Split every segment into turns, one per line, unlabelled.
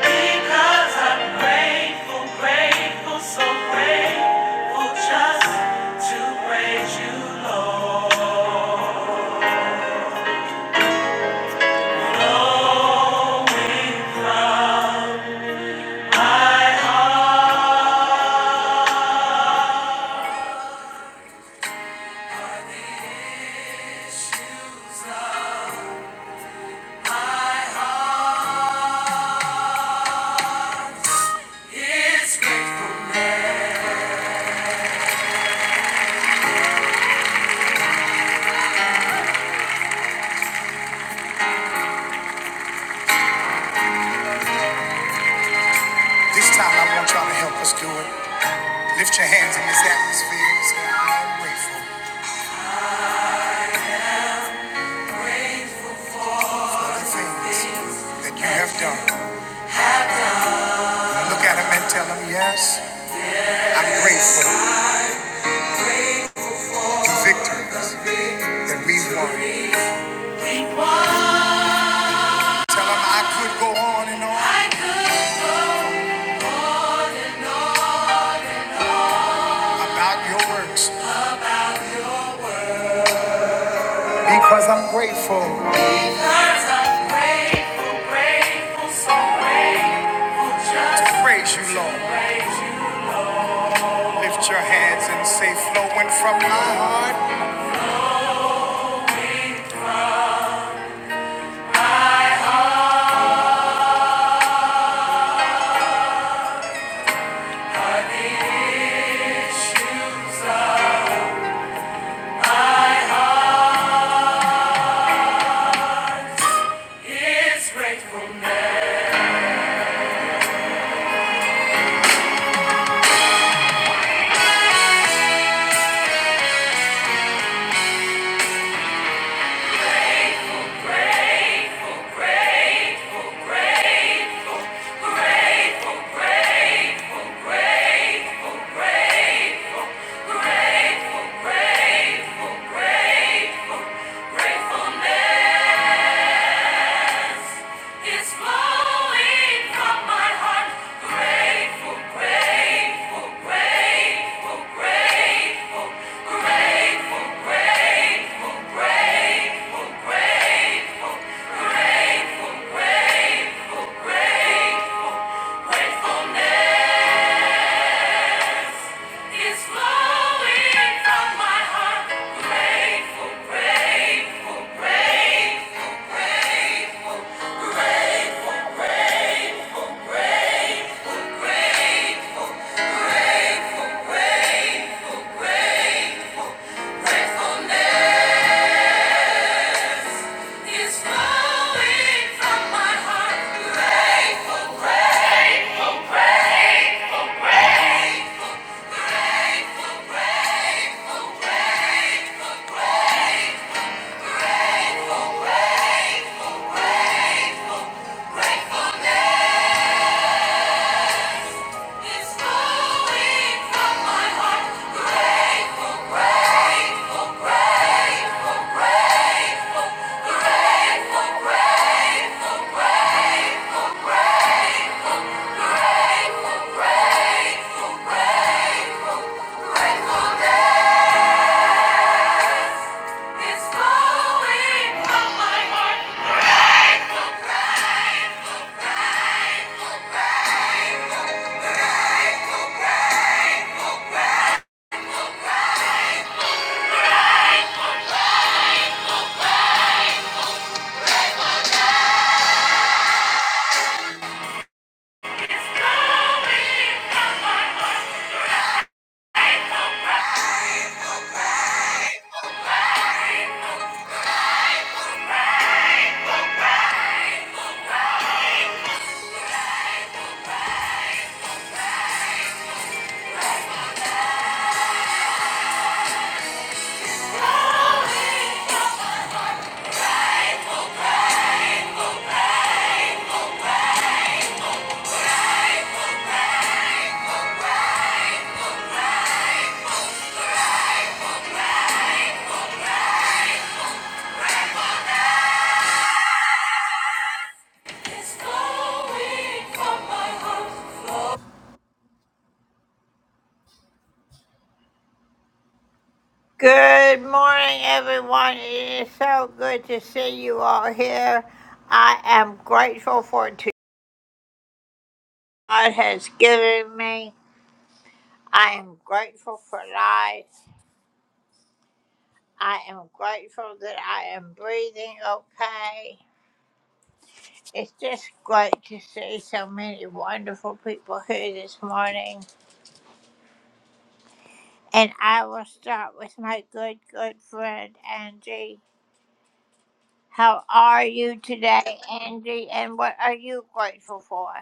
Because I'm grateful, grateful, so grateful just to praise you, Lord. This time I want y'all to help us do it. Lift your hands in this atmosphere and say, I'm grateful for the things that you have done. Look at them and tell them, yes, I'm grateful victory that we won. Tell them I could go on and on about your works because I'm grateful. Because I'm grateful, grateful, so grateful just to praise you, Lord. Lift your hands and say, flowing from my heart. Grateful, grateful, grateful, grateful, gratefulness. It's flowing from my heart. Grateful, grateful, grateful, grateful, grateful, grateful, grateful, grateful, grateful gratefulness It's flowing from my heart. Grateful, grateful, grateful, grateful. Gratefulness. It's flowing from my heart. Grateful, grateful, grateful, grateful, grateful, grateful, grateful, grateful, grateful, It's flowing from my heart. It's flowing from my heart. It's flowing from my heart.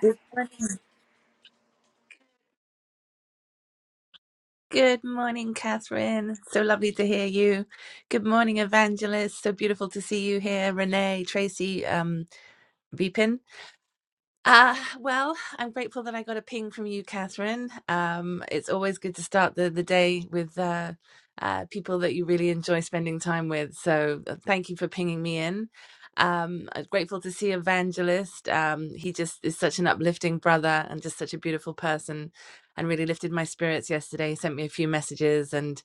Good morning. Good morning, Catherine. So lovely to hear you. Good morning, Evangelist. So beautiful to see you here. Renee, Tracy, um, Vipin. Uh, well, I'm grateful that I got a ping from you, Catherine. Um, it's always good to start the, the day with uh, uh, people that you really enjoy spending time with. So uh, thank you for pinging me in. Um, I'm grateful to see Evangelist. Um, he just is such an uplifting brother and just such a beautiful person and really lifted my spirits yesterday. He sent me a few messages and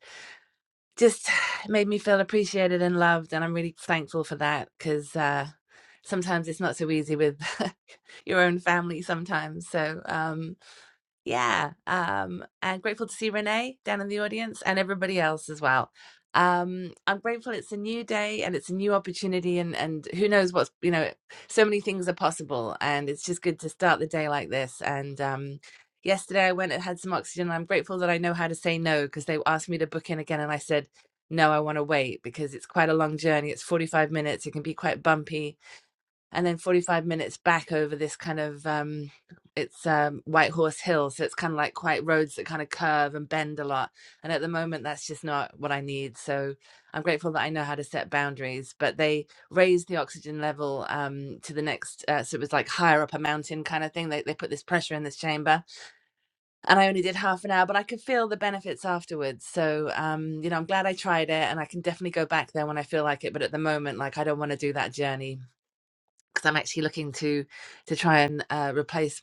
just made me feel appreciated and loved and i'm really thankful for that because uh, sometimes it's not so easy with your own family sometimes so um, yeah, um, and grateful to see Renee down in the audience and everybody else as well. Um, I'm grateful it's a new day and it's a new opportunity and and who knows what's you know so many things are possible and it's just good to start the day like this and um yesterday I went and had some oxygen and I'm grateful that I know how to say no because they asked me to book in again and I said no I want to wait because it's quite a long journey it's 45 minutes it can be quite bumpy and then 45 minutes back over this kind of um it's um white horse hill so it's kind of like quite roads that kind of curve and bend a lot and at the moment that's just not what i need so i'm grateful that i know how to set boundaries but they raised the oxygen level um to the next uh, so it was like higher up a mountain kind of thing they, they put this pressure in this chamber and i only did half an hour but i could feel the benefits afterwards so um you know i'm glad i tried it and i can definitely go back there when i feel like it but at the moment like i don't want to do that journey because I'm actually looking to to try and uh, replace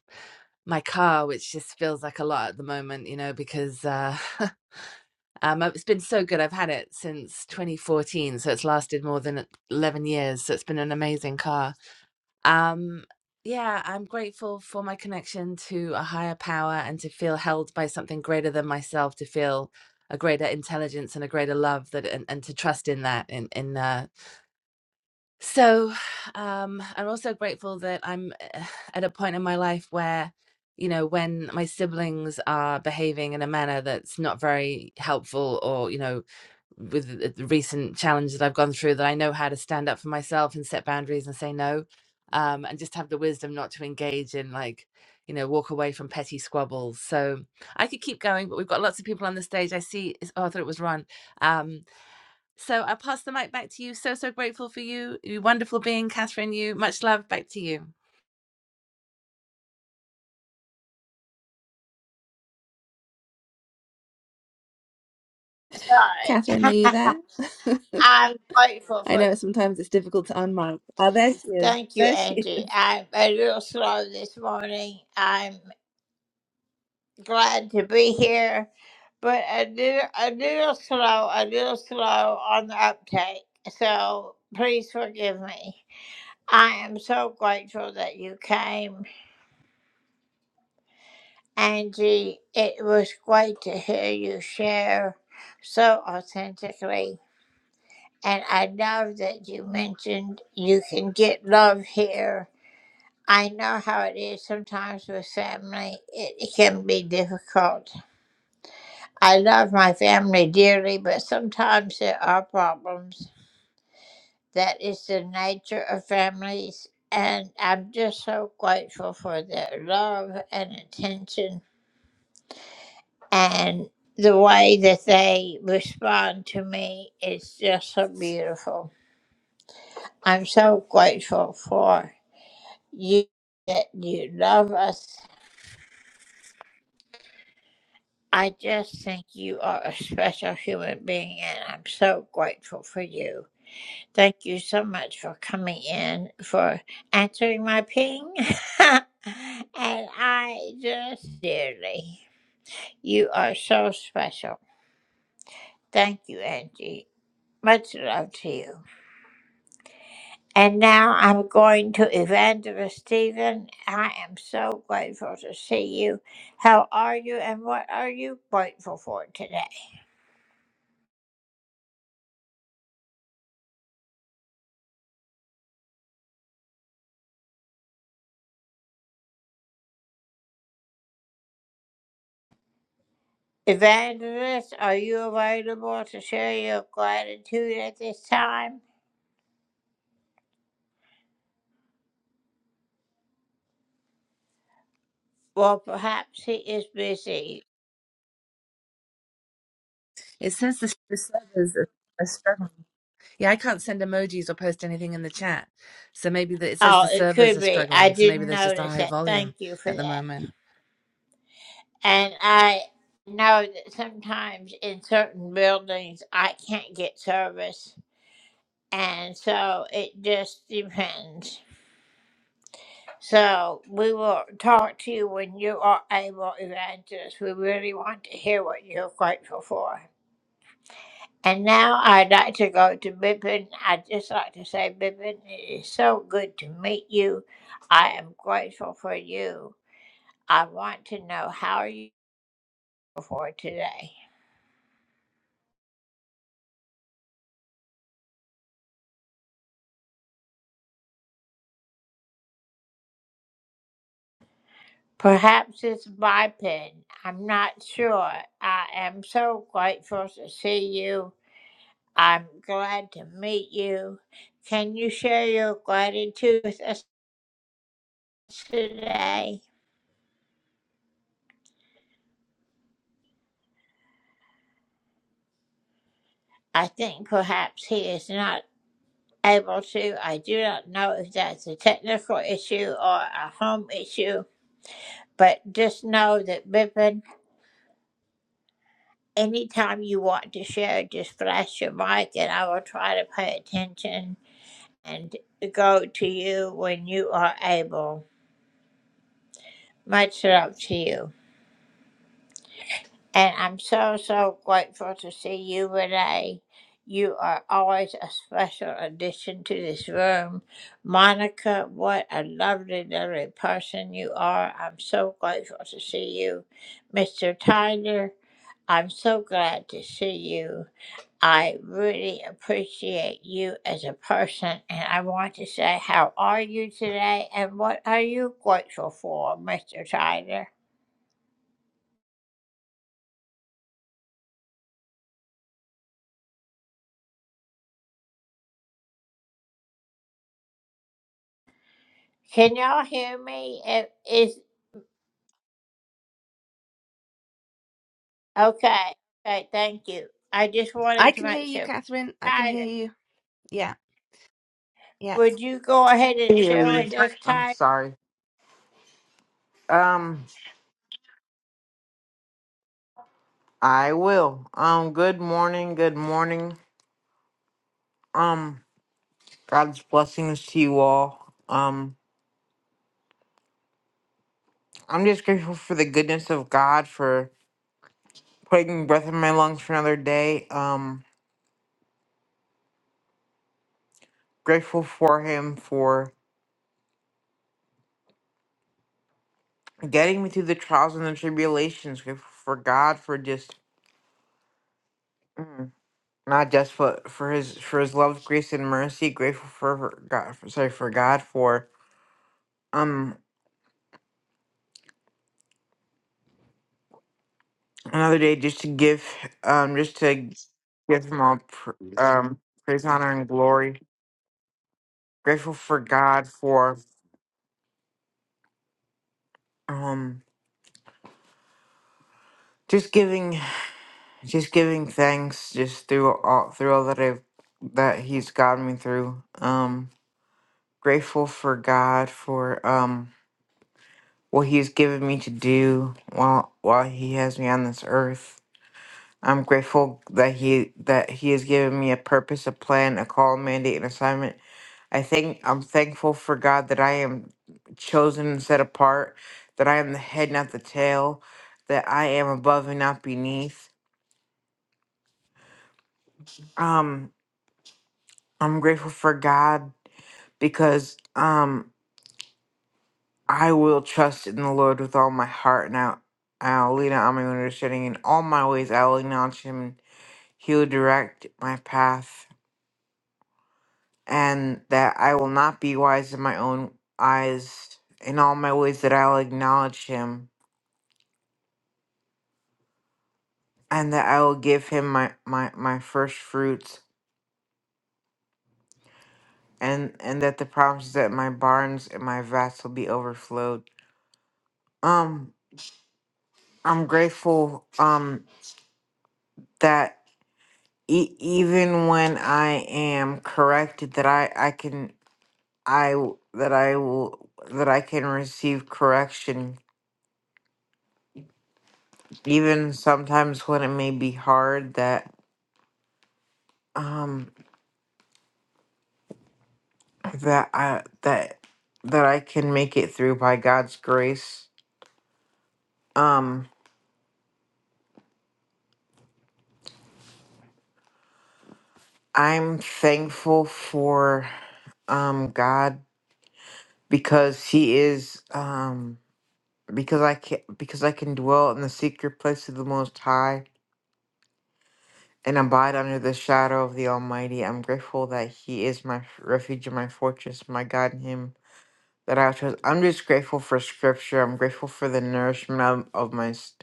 my car, which just feels like a lot at the moment, you know, because uh, um, it's been so good. I've had it since 2014, so it's lasted more than 11 years. So it's been an amazing car. Um, yeah, I'm grateful for my connection to a higher power and to feel held by something greater than myself, to feel a greater intelligence and a greater love that and, and to trust in that in in uh, so um, I'm also grateful that I'm uh, at a point in my life where, you know, when my siblings are behaving in a manner that's not very helpful or, you know, with the the recent challenge that I've gone through, that I know how to stand up for myself and set boundaries and say no, um, and just have the wisdom not to engage in like, you know, walk away from petty squabbles. So I could keep going, but we've got lots of people on the stage. I see. it's- Oh, I thought it was Ron. Um, so i pass the mic back to you. So, so grateful for you. You wonderful being, Catherine. You much love. Back to you. Catherine, are you there? I know sometimes it's difficult to unmic. Oh, there she is. There she is. It says the, the servers are, are struggling. Yeah, I can't send emojis or post anything in the chat. So maybe the, it says the servers are struggling. So maybe there's just a high volume at the moment. I can hear you, Catherine. I can hear you. Yeah, yeah.
hear you. I'm sorry. Um, I will. Um, good morning. Good morning. Um, God's blessings to you all. Um, I'm just grateful for the goodness of God for putting breath in my lungs for another day. Um, grateful for Him for getting me through the trials and the tribulations. Grateful for God for just. mm, Not just for for his for his love, grace, and mercy. Grateful for, for God. For, Sorry for God for um another day just to give um just to give him all pr- um praise honor and glory grateful for god for um just giving just giving thanks just through all through all that i've that he's gotten me through um grateful for god for um what he's given me to do while while he has me on this earth i'm grateful that he that he has given me a purpose a plan a call mandate and assignment I think I'm thankful for God that I am chosen and set apart, that I am the head, not the tail, that I am above and not beneath. Um, I'm grateful for God because um, I will trust in the Lord with all my heart, and I, I'll lean on my own understanding. In all my ways, I will acknowledge Him, and He will direct my path, and that I will not be wise in my own eyes. In all my ways, that I'll acknowledge Him and that I will give him my, my, my first fruits, and, and that the promise is that my barns and my vats will be overflowed. Um, I'm grateful um that e- even when I am corrected, that I I can I w- that I will that I can receive correction, even sometimes when it may be hard. That um that I that that I can make it through by God's grace. Um I'm thankful for um God because he is um because I can because I can dwell in the secret place of the most high and abide under the shadow of the almighty. I'm grateful that he is my f- refuge and my fortress, my God in him that I trust. I'm just grateful for scripture. I'm grateful for the nourishment of, of my s-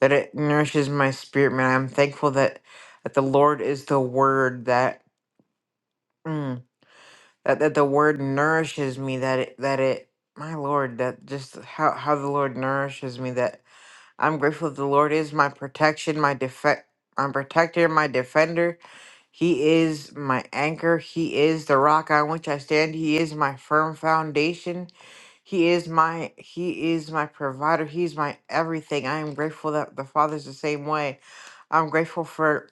that it nourishes my spirit, man. I'm thankful that that the Lord is the word that mm, that that the word nourishes me that it that it my lord that just how how the lord nourishes me that i'm grateful the lord is my protection my defect my protector my defender he is my anchor he is the rock on which i stand he is my firm foundation he is my he is my provider he's my everything i am grateful that the father's the same way i'm grateful for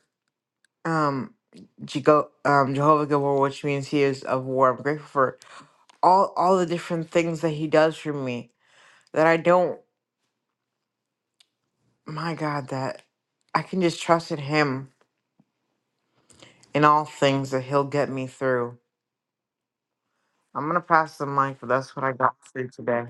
um Jego- um, Jehovah Gabor, which means he is of war. I'm grateful for all all the different things that he does for me that I don't my god that I can just trust in him in all things that he'll get me through. I'm gonna pass the mic, but that's what I got for you today.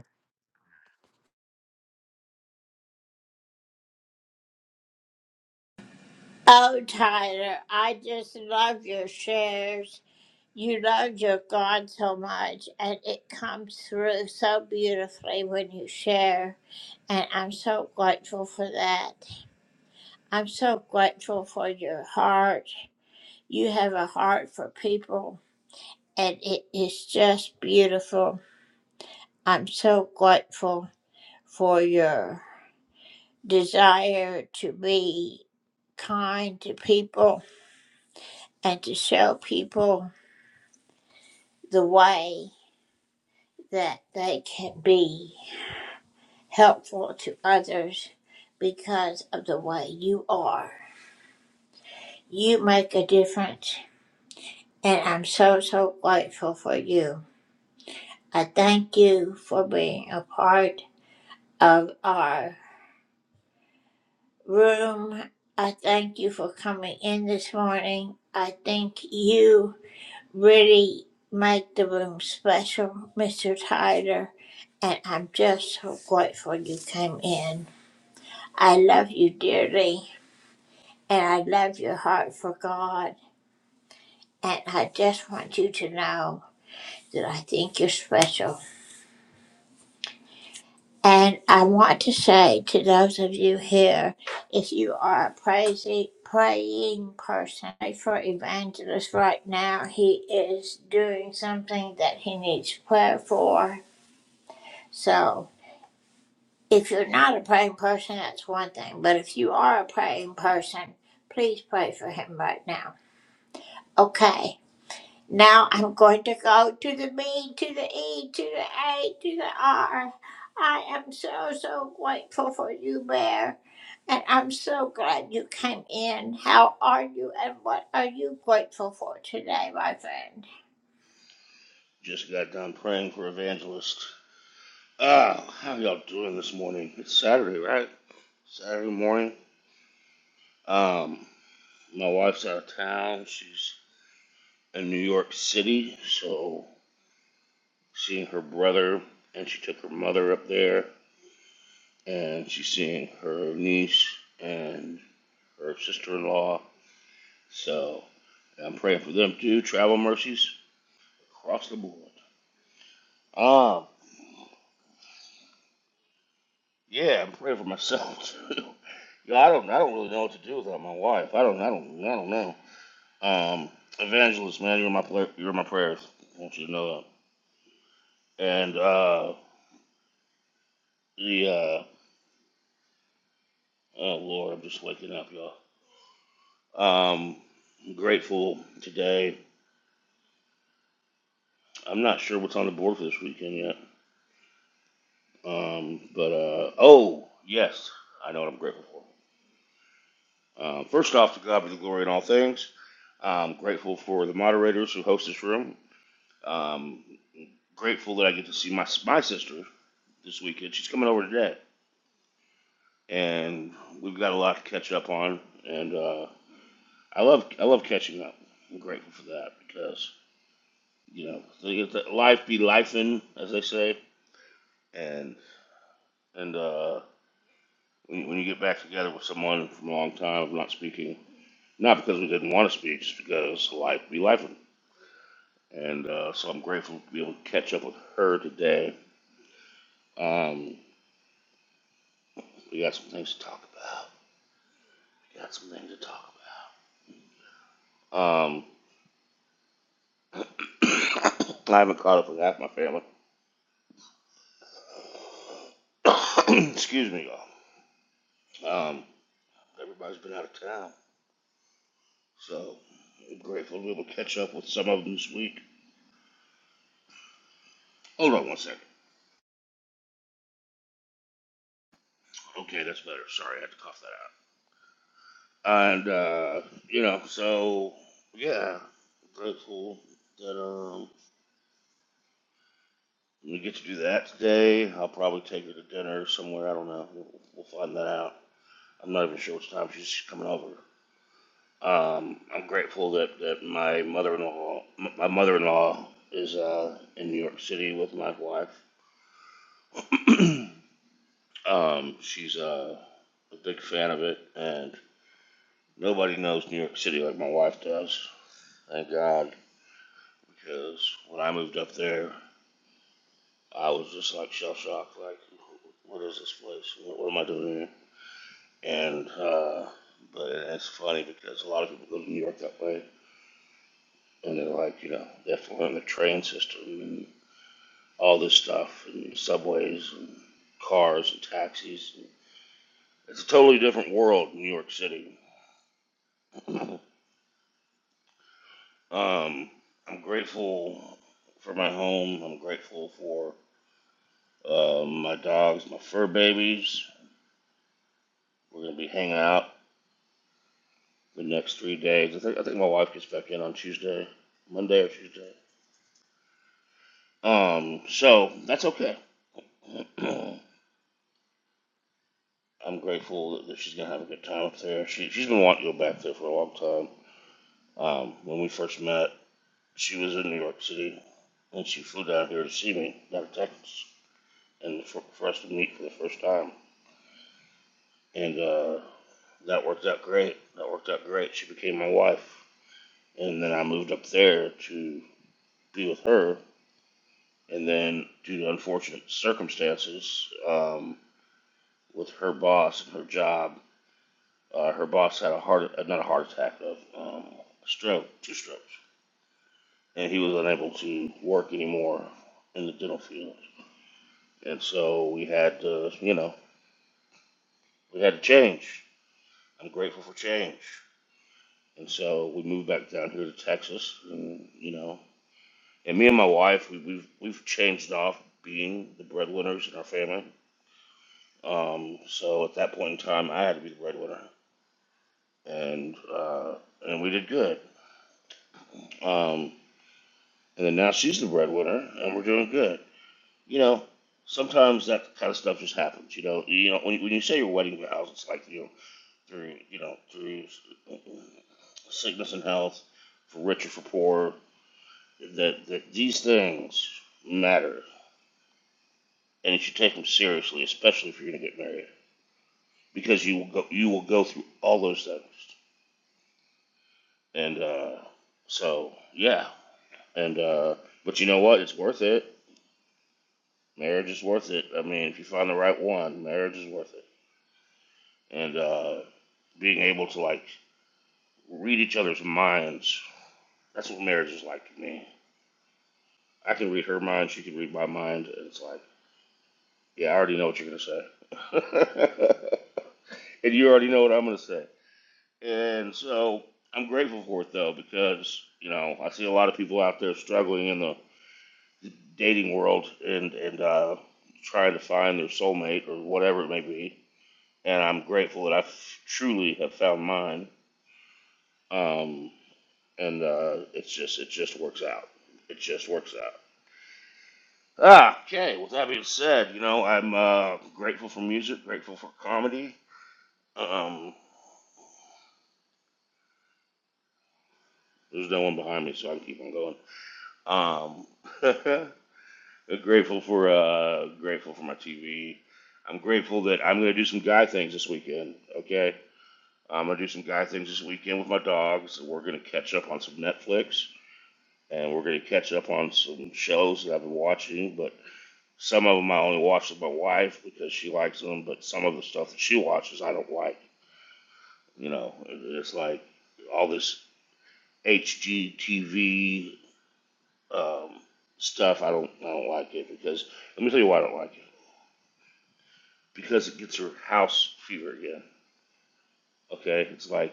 Just got done praying for evangelist. Ah, how y'all doing this morning? It's Saturday, right? Saturday morning. Um, my wife's out of town. She's in New York City, so seeing her brother, and she took her mother up there, and she's seeing her niece and her sister-in-law. So yeah, I'm praying for them too. Travel mercies across the board. Um, yeah, I'm praying for myself too. Yeah, I don't. I don't really know what to do without my wife. I don't. I don't. I don't know. Um, evangelist, man, you're my pla- you're my prayers. I want you to know that. And uh, the uh, oh Lord, I'm just waking up, y'all. Um, I'm grateful today. I'm not sure what's on the board for this weekend yet. Um, but uh, oh yes, I know what I'm grateful for. Um, first off, to God be the glory in all things. I'm grateful for the moderators who host this room. Um, grateful that I get to see my my sister this weekend. She's coming over today, and we've got a lot to catch up on. And uh, I love I love catching up. I'm grateful for that because you know they get life be lifing, as they say, and and uh, when, when you get back together with someone from a long time of not speaking, not because we didn't want to speak, just because life be lifing. And uh, so I'm grateful to be able to catch up with her today. Um, we got some things to talk about. We got some things to talk about. Um, I haven't caught up with half my family. Excuse me, y'all. Um, everybody's been out of town, so I'm grateful to be able to catch up with some of them this week. Hold on one second. Okay, that's better. Sorry, I had to cough that out. And uh, you know, so yeah, grateful that um we get to do that today. I'll probably take her to dinner somewhere. I don't know. We'll, we'll find that out. I'm not even sure what time she's coming over. Um, I'm grateful that, that my mother-in-law, m- my mother-in-law is uh, in New York City with my wife. um, she's uh, a big fan of it, and nobody knows New York City like my wife does. Thank God, because when I moved up there, I was just like shell shocked, like, what is this place? What, what am I doing here? And uh, but it's funny because a lot of people go to New York that way, and they're like, you know, they have to learn the train system and all this stuff and subways and cars and taxis. It's a totally different world, New York City. um, I'm grateful for my home. I'm grateful for um, my dogs, my fur babies. We're gonna be hanging out the next three days. I think I think my wife gets back in on Tuesday, Monday or Tuesday. Um, so that's okay. I'm grateful that she's gonna have a good time up there. She she's been wanting to go back there for a long time. Um, when we first met, She was in New York City, and she flew down here to see me, down to Texas, and for, for us to meet for the first time. And uh, that worked out great. That worked out great. She became my wife, and then I moved up there to be with her. And then, due to unfortunate circumstances, um, with her boss and her job, uh, her boss had a heart, uh, not a heart attack, a um, stroke, two strokes, and he was unable to work anymore in the dental field. And so we had to, you know, we had to change. I'm grateful for change. And so we moved back down here to Texas, and you know, and me and my wife, we, we've we've changed off being the breadwinners in our family. Um, so at that point in time, I had to be the breadwinner, and uh, and we did good. Um, and then now she's the breadwinner, and we're doing good. You know, sometimes that kind of stuff just happens. You know, you know when, you- when you say your wedding vows, it's like you know, through you know through uh, sickness and health, for rich or for poor, that that these things matter, and you should take them seriously, especially if you're going to get married, because you will go you will go through all those things, and uh, so yeah, and uh, but you know what? It's worth it. Marriage is worth it. I mean, if you find the right one, marriage is worth it, and uh, being able to like read each other's minds. That's what marriage is like to me. I can read her mind. She can read my mind. And it's like, yeah, I already know what you're going to say. and you already know what I'm going to say. And so I'm grateful for it, though, because, you know, I see a lot of people out there struggling in the dating world and, and uh, trying to find their soulmate or whatever it may be. And I'm grateful that I f- truly have found mine. Um, and uh, it's just, it just works out. It just works out. Ah, okay. With that being said, you know I'm uh, grateful for music, grateful for comedy. Um, there's no one behind me, so I can keep on going. Um, grateful for uh, grateful for my TV. I'm grateful that I'm gonna do some guy things this weekend. Okay, I'm gonna do some guy things this weekend with my dogs. We're gonna catch up on some Netflix, and we're gonna catch up on some shows that I've been watching. But. Some of them I only watch with my wife because she likes them, but some of the stuff that she watches I don't like. You know, it's like all this HGTV um, stuff. I don't, I don't like it because let me tell you why I don't like it. Because it gets her house fever again. Okay, it's like,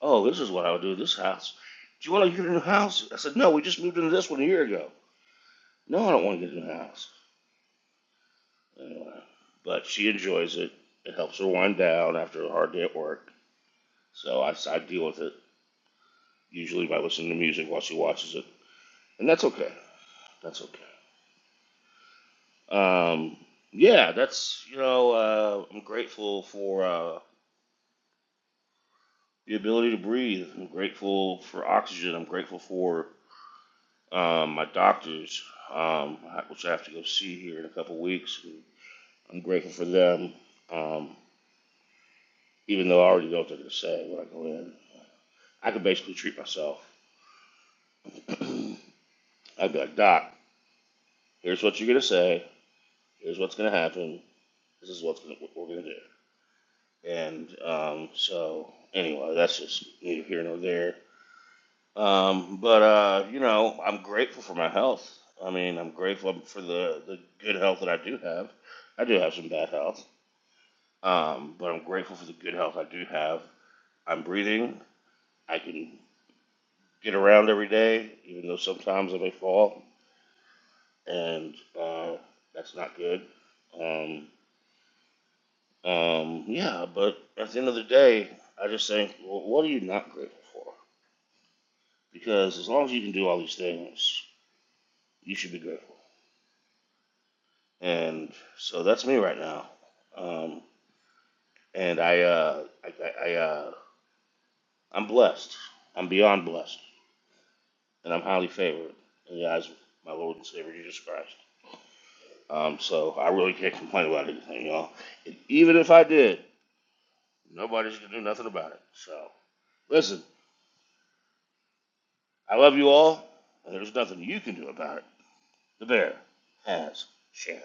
oh, this is what I would do. in This house. Do you want to get a new house? I said, no, we just moved into this one a year ago. No, I don't want to get a new house. Anyway, but she enjoys it. It helps her wind down after a hard day at work. So I, I deal with it usually by listening to music while she watches it, and that's okay. That's okay. Um, yeah, that's you know uh, I'm grateful for uh, the ability to breathe. I'm grateful for oxygen. I'm grateful for um, my doctors, um, which I have to go see here in a couple weeks. And I'm grateful for them, um, even though I already know what they're gonna say when I go in. I could basically treat myself. I'd be like, Doc, here's what you're gonna say. Here's what's gonna happen This is what we're going to do. And um, so, anyway, that's just neither here nor there. Um, but, uh, you know, I'm grateful for my health. I mean, I'm grateful um, for the, the good health that I do have. I do have some bad health, um, but I'm grateful for the good health I do have. I'm breathing. I can get around every day, even though sometimes I may fall, and uh, that's not good. Um, Um, yeah, but at the end of the day, I just think, well, what are you not grateful for? Because as long as you can do all these things, you should be grateful. And so that's me right now. Um, and I, uh, I, I, I uh, I'm blessed. I'm beyond blessed, and I'm highly favored in the eyes of my Lord and Savior Jesus Christ. Um, so I really can't complain about anything, y'all. And even if I did, nobody's gonna do nothing about it. So listen, I love you all, and there's nothing you can do about it. The bear has shared.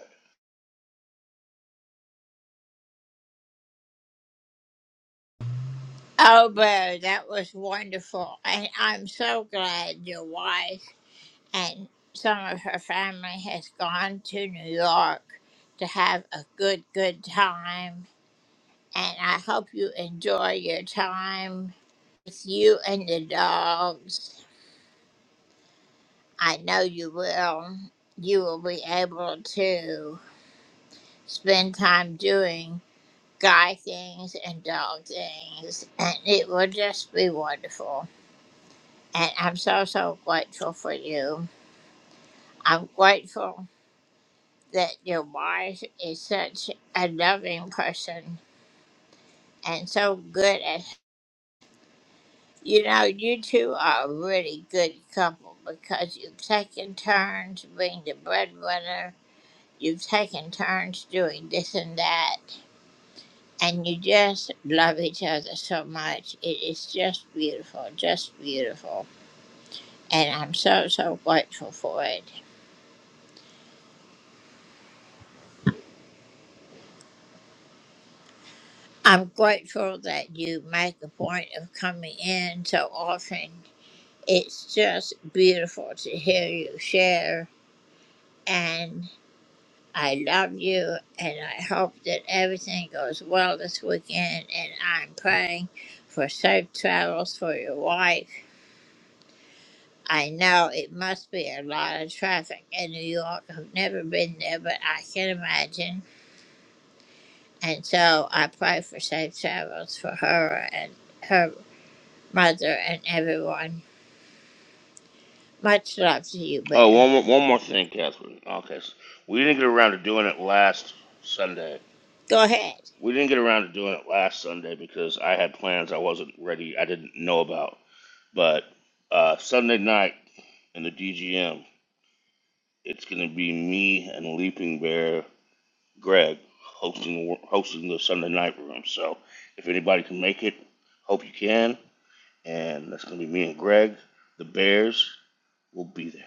Oh, one more, one more thing, Catherine. Okay, so we didn't get around to doing it last Sunday. We didn't get around to doing it last Sunday because I had plans I wasn't ready, I didn't know about. But uh, Sunday night in the DGM, it's going to be me and Leaping Bear Greg hosting hosting the Sunday night room. So if anybody can make it, hope you can. And that's going to be me and Greg. The Bears will be there.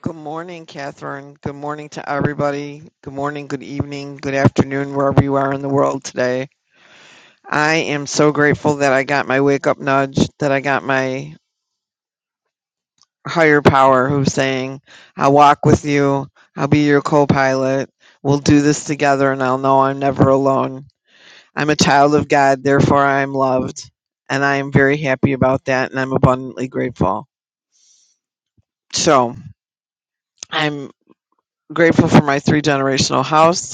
Good morning, Catherine. Good morning to everybody. Good morning, good evening, good afternoon, wherever you are in the world today. I am so grateful that I got my wake up nudge, that I got my higher power who's saying, I'll walk with you, I'll be your co pilot, we'll do this together, and I'll know I'm never alone. I'm a child of God, therefore I am loved. And I am very happy about that, and I'm abundantly grateful. So I'm grateful for my three generational house.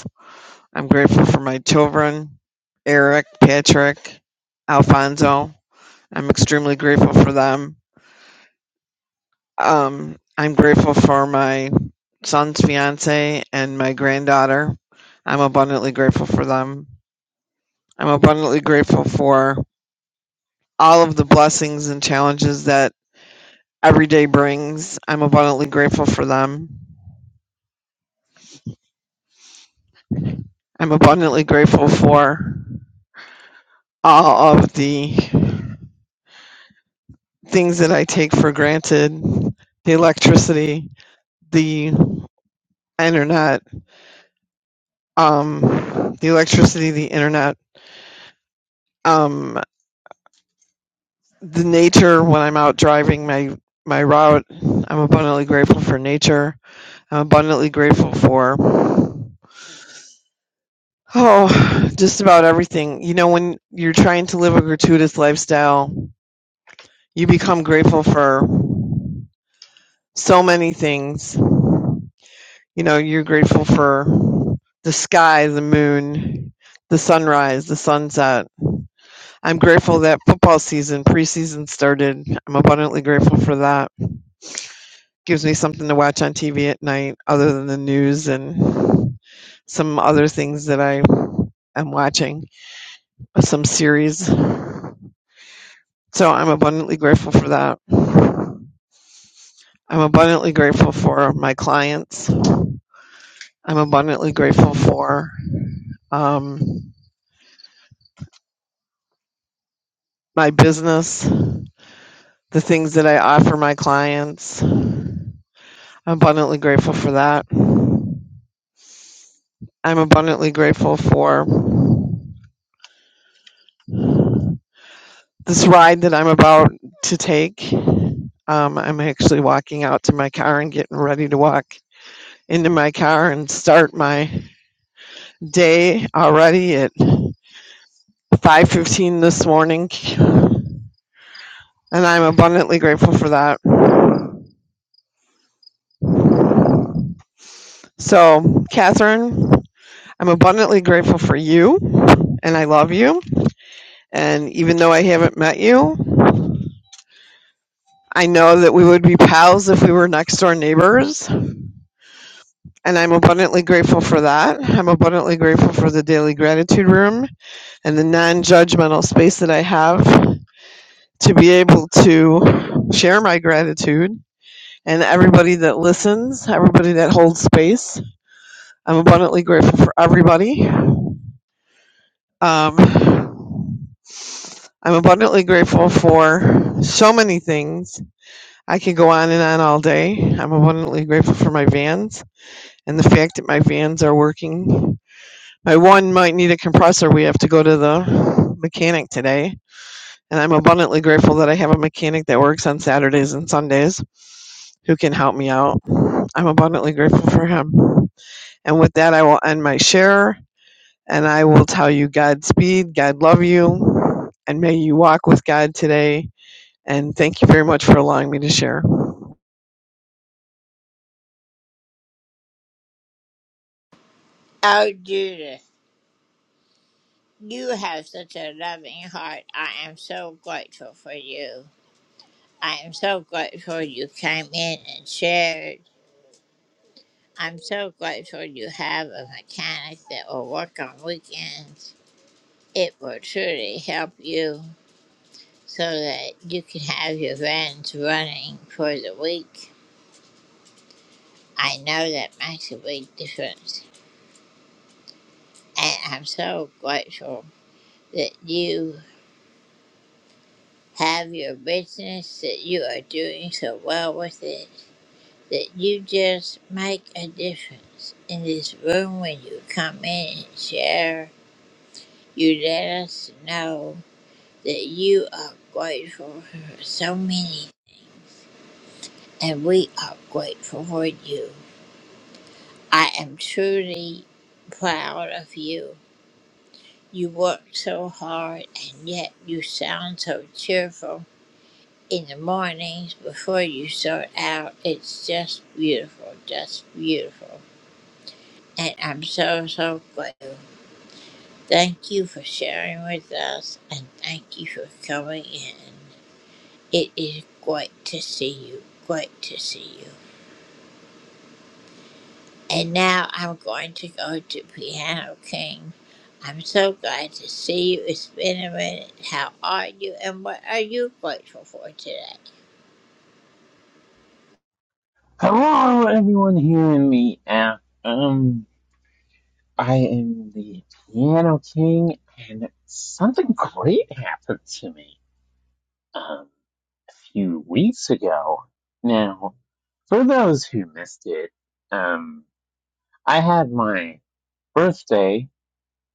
I'm grateful for my children, Eric, Patrick, Alfonso. I'm extremely grateful for them. Um, I'm grateful for my son's fiance and my granddaughter. I'm abundantly grateful for them. I'm abundantly grateful for all of the blessings and challenges that every day brings. I'm abundantly grateful for them. I'm abundantly grateful for all of the things that I take for granted the electricity, the internet, um, the electricity, the internet, um, the nature when I'm out driving my, my route. I'm abundantly grateful for nature. I'm abundantly grateful for, oh, just about everything. You know, when you're trying to live a gratuitous lifestyle, you become grateful for so many things. You know, you're grateful for the sky, the moon, the sunrise, the sunset I'm grateful that football season, preseason started. I'm abundantly grateful for that. Gives me something to watch on TV at night other than the news and some other things that I am watching, some series. So I'm abundantly grateful for that. I'm abundantly grateful for my clients. I'm abundantly grateful for um, my business, the things that I offer my clients. I'm abundantly grateful for that. I'm abundantly grateful for this ride that I'm about to take. Um, I'm actually walking out to my car and getting ready to walk into my car and start my day already at 5:15 this morning, and I'm abundantly grateful for that. So, Catherine, I'm abundantly grateful for you, and I love you. And even though I haven't met you, I know that we would be pals if we were next door neighbors. And I'm abundantly grateful for that. I'm abundantly grateful for the daily gratitude room and the non judgmental space that I have to be able to share my gratitude and everybody that listens, everybody that holds space. I'm abundantly grateful for everybody. Um, I'm abundantly grateful for so many things. I could go on and on all day. I'm abundantly grateful for my vans and the fact that my vans are working My one might need a compressor. We have to go to the mechanic today. And I'm abundantly grateful that I have a mechanic that works on Saturdays and Sundays who can help me out. I'm abundantly grateful for him. And with that, I will end my share and I will tell you Godspeed, God love you, and may you walk with God today. And thank you very much for allowing me to share.
Hello, everyone here in the app. Um, I am the Piano King, and something great happened to me um, a few weeks ago. Now, for those who missed it, um, I had my birthday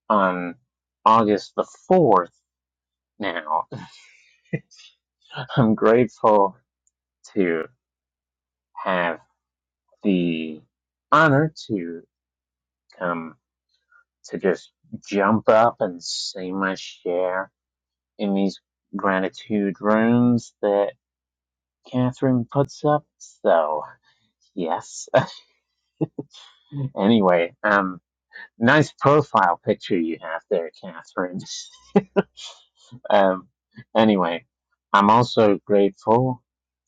on August the 4th now. I'm grateful to have the honor to come to just jump up and see my share in these gratitude rooms that Catherine puts up. So, yes. anyway, um, nice profile picture you have there, Catherine. um, anyway, I'm also grateful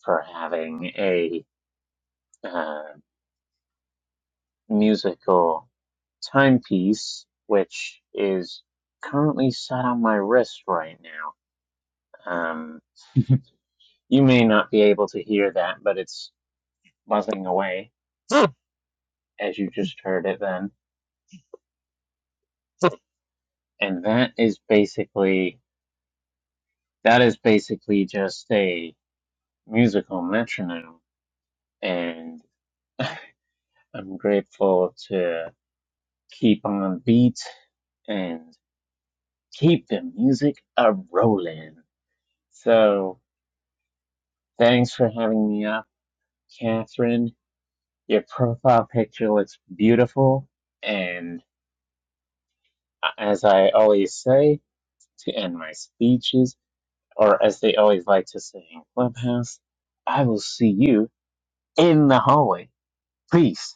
for having a uh, musical timepiece, which is currently set on my wrist right now. Um, You may not be able to hear that, but it's buzzing away as you just heard it then. And that is basically that is basically just a musical metronome. And I'm grateful to keep on beat and keep the music a rolling. So thanks for having me up, Catherine. Your profile picture looks beautiful and uh, as I always say, to end my speeches, or as they always like to say in Clubhouse, I will see you in the hallway. Peace.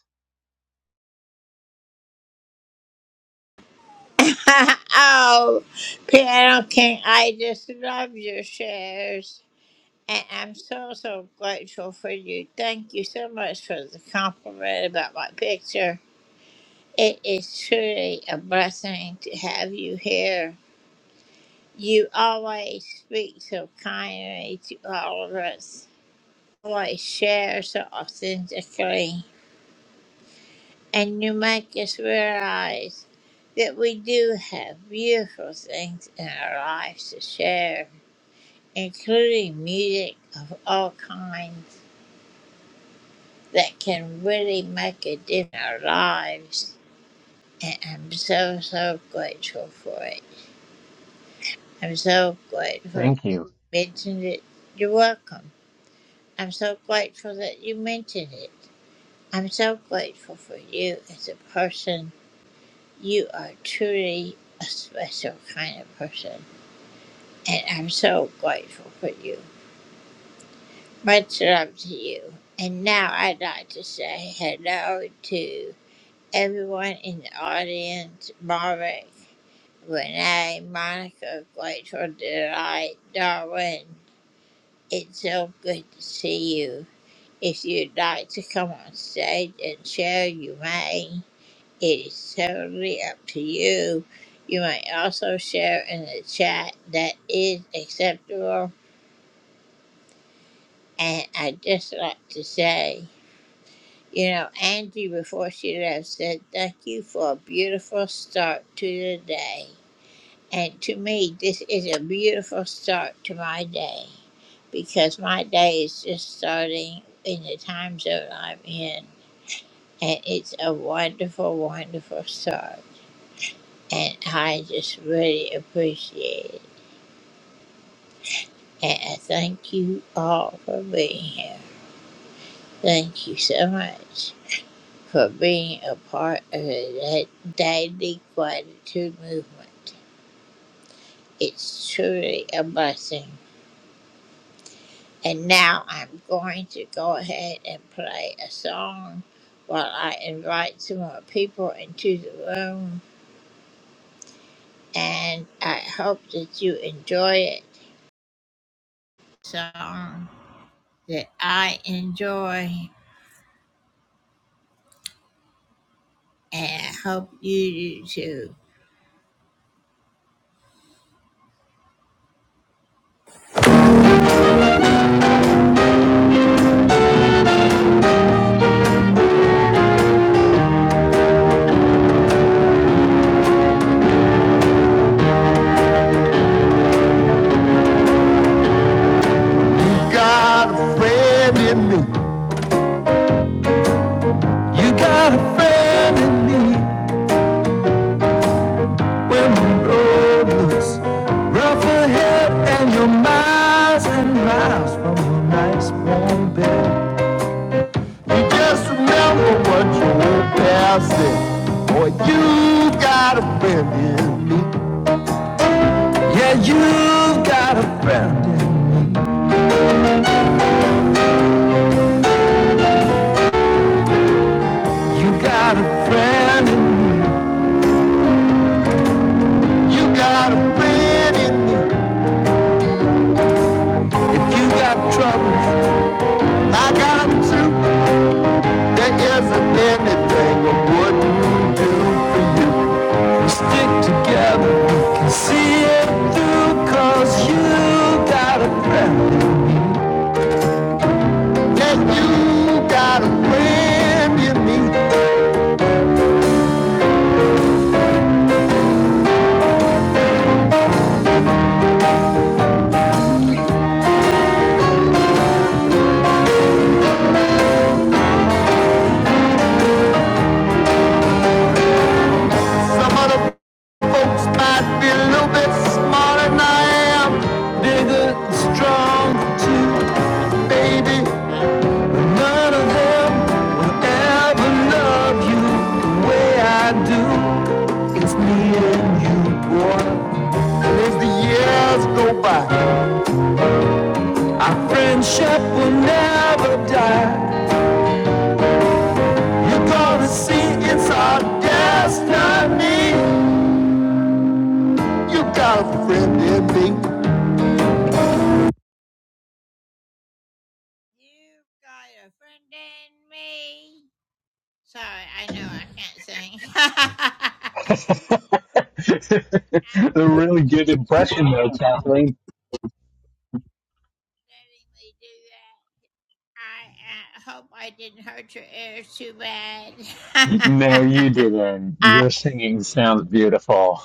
Thank you.
You got a friend in me. You got a friend in me. When the road looks rough ahead and you're miles and miles from a nice warm bed, you just remember what your old pal said. Boy, you got a friend in me. Yeah, you got a friend. in me. You got a friend in me. You got a friend in me. If you got troubles, I got them too. There isn't anything I wouldn't stick together. You Can see it through 'cause you got a friend. That you got a friend you need. That some of the folks might be a little bit smarter than I am. Bigger and strong too, baby. But none of them will ever love you the way I do. It's me and you, boy. As the years go by, our friendship will never die. You're gonna see it's our destiny. You got a friend in me.
a really good impression, though, Kathleen. No, you didn't. Your singing sounds beautiful.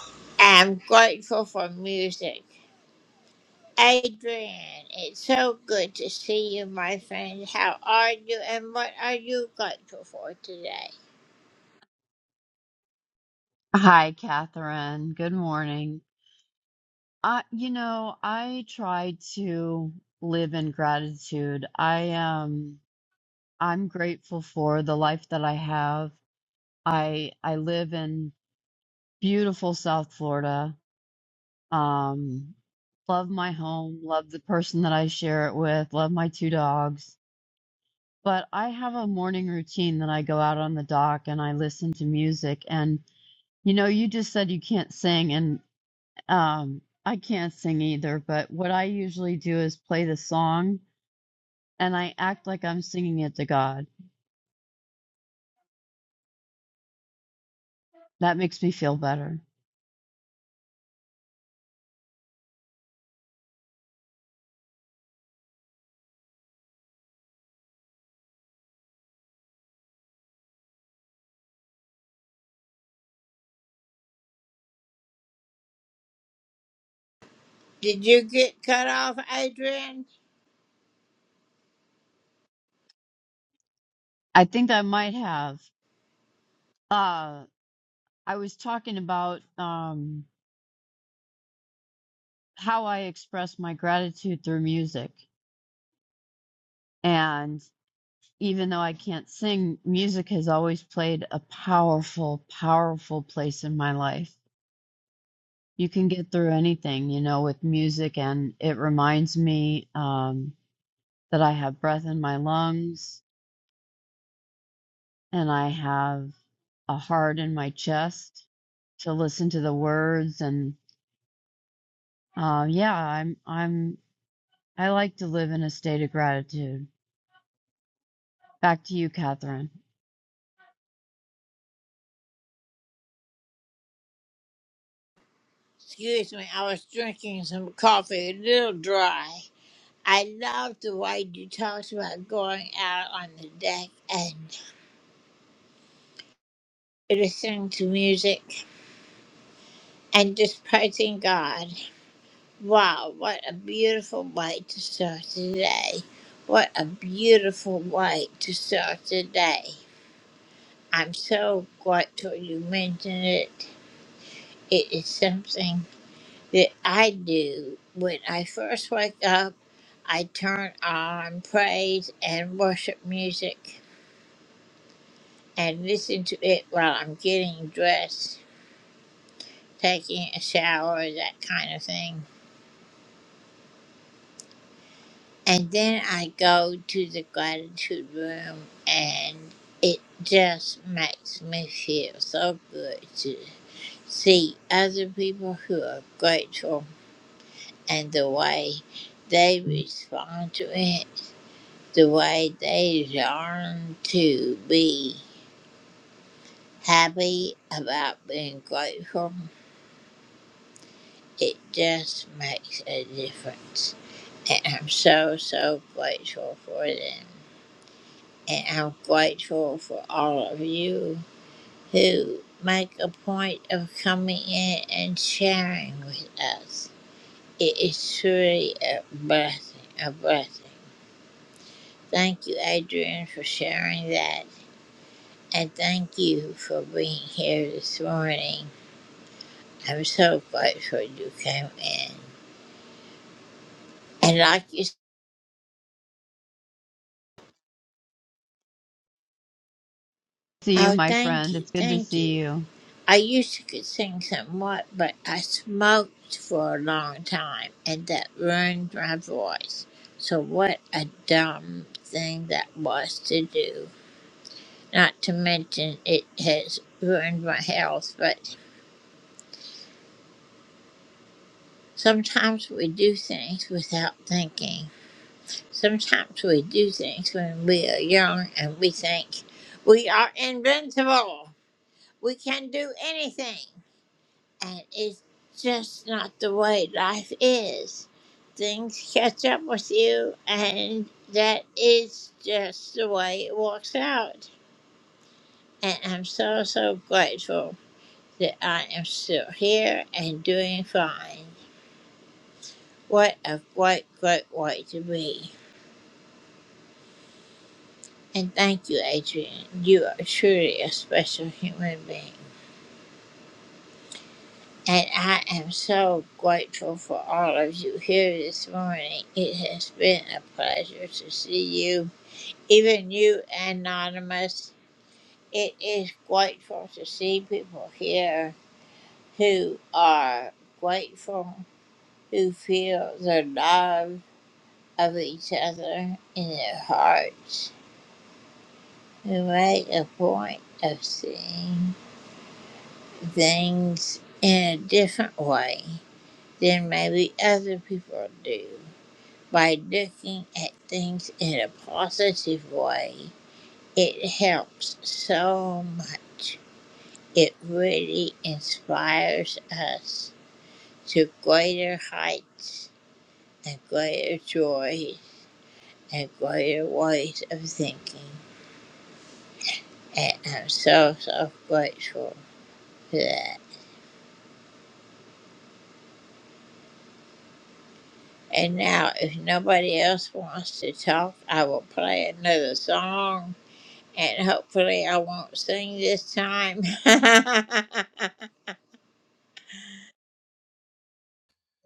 Hi, Catherine. Good morning. I, you know, I try to live in gratitude. I am, I'm grateful for the life that I have. I, I live in beautiful South Florida. Um, love my home, love the person that I share it with, love my two dogs. But I have a morning routine that I go out on the dock and I listen to music. And, you know, you just said you can't sing, Um, I can't sing either, but what I usually do is play the song and I act like I'm singing it to God. That makes me feel better. I think I might have. Uh, I was talking about um, how I express my gratitude through music. And even though I can't sing, music has always played a powerful, powerful place in my life. You can get through anything, you know, with music, and it reminds me. Um, that I have breath in my lungs and I have a heart in my chest to listen to the words and uh, yeah, I'm I'm I like to live in a state of gratitude. Back to you, Catherine. See you, my friend. It's good to see you.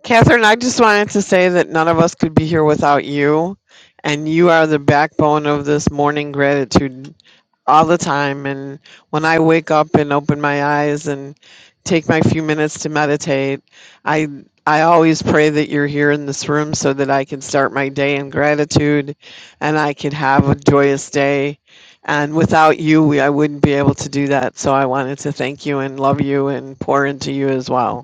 Catherine, I just wanted to say that none of us could be here without you, and you are the backbone of this morning gratitude all the time. And when I wake up and open my eyes and take my few minutes to meditate, I I always pray that you're here in this room so that I can start my day in gratitude and I can have a joyous day. And without you, we, I wouldn't be able to do that. So I wanted to thank you and love you and pour into you as well.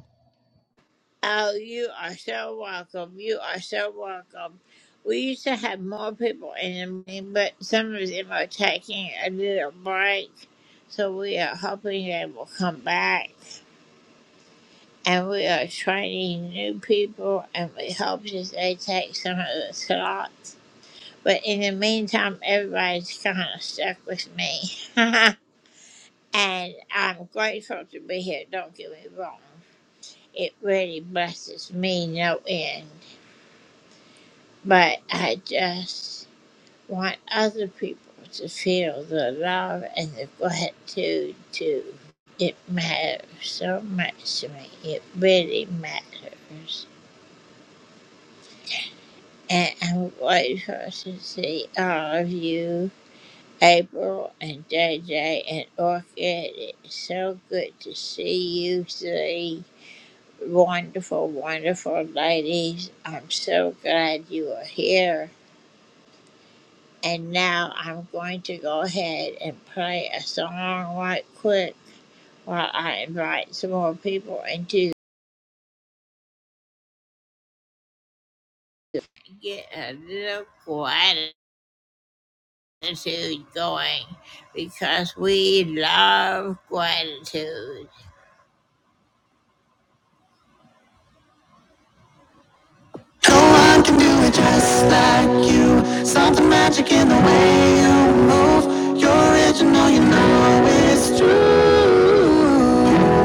I can do it just like you. Something magic in the way you move. You're original, you know it's true.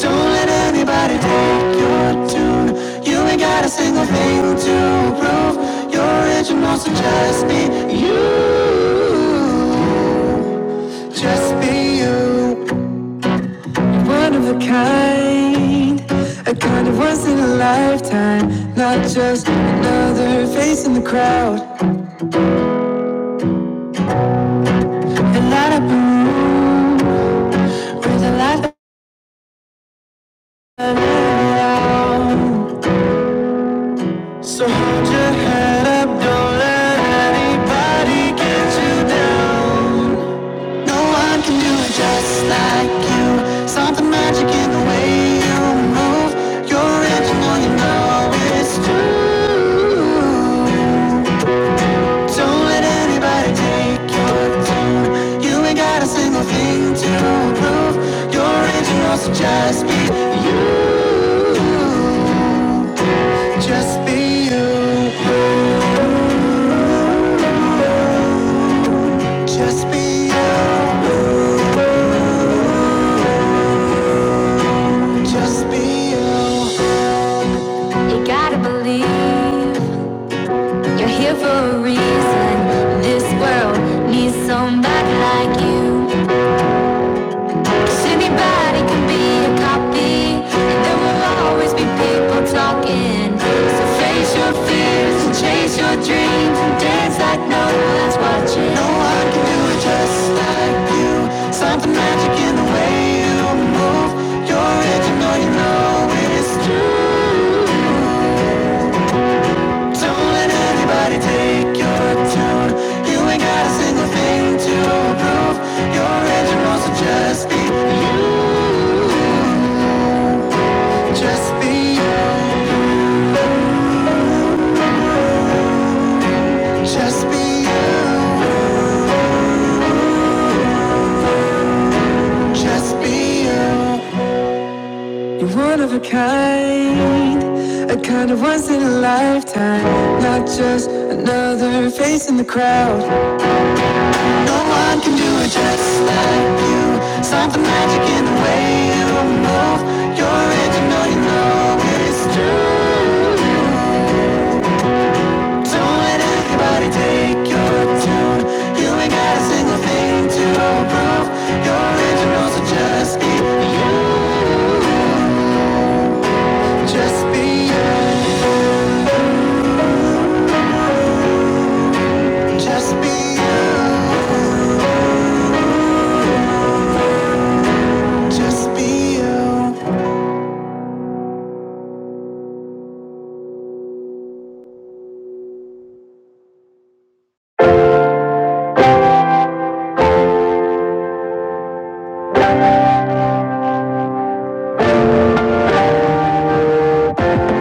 Don't let anybody take your tune. You ain't got a single thing to prove. You're original, so just be you. Just be you. One of a kind. A kind of once in a lifetime. Not just another face in the crowd. And light up a room. Bring the light of it So hold your head up, don't let anybody get you down. No one can do it just like you. Something magic in the way you move. You're original, you know it's true. Don't let anybody take your tune. You ain't got a single thing to prove. You're original, so just be you. Just be you. Just be you. Just be you. You gotta believe you're here for a reason. This world needs somebody like you. 'Cause anybody can be a copy, and there will always be people talking. So face your fears and chase your dreams and dance like no one's watching. No one can do it just like you. Something magic in the way you move. You're original, you know it's true. Don't let anybody take your tune. You ain't got a single thing to prove. Your engine wants to just be you. Just be you. Just be you. Just be you. A kind of once in a lifetime, not just another face in the crowd. No one can do it just like you. Something magic in the way you move. You're original, you know it's true. Don't let anybody take your tune. You ain't got a single thing to prove. You're original, so just be you. Just be you. Just be you. Just be you.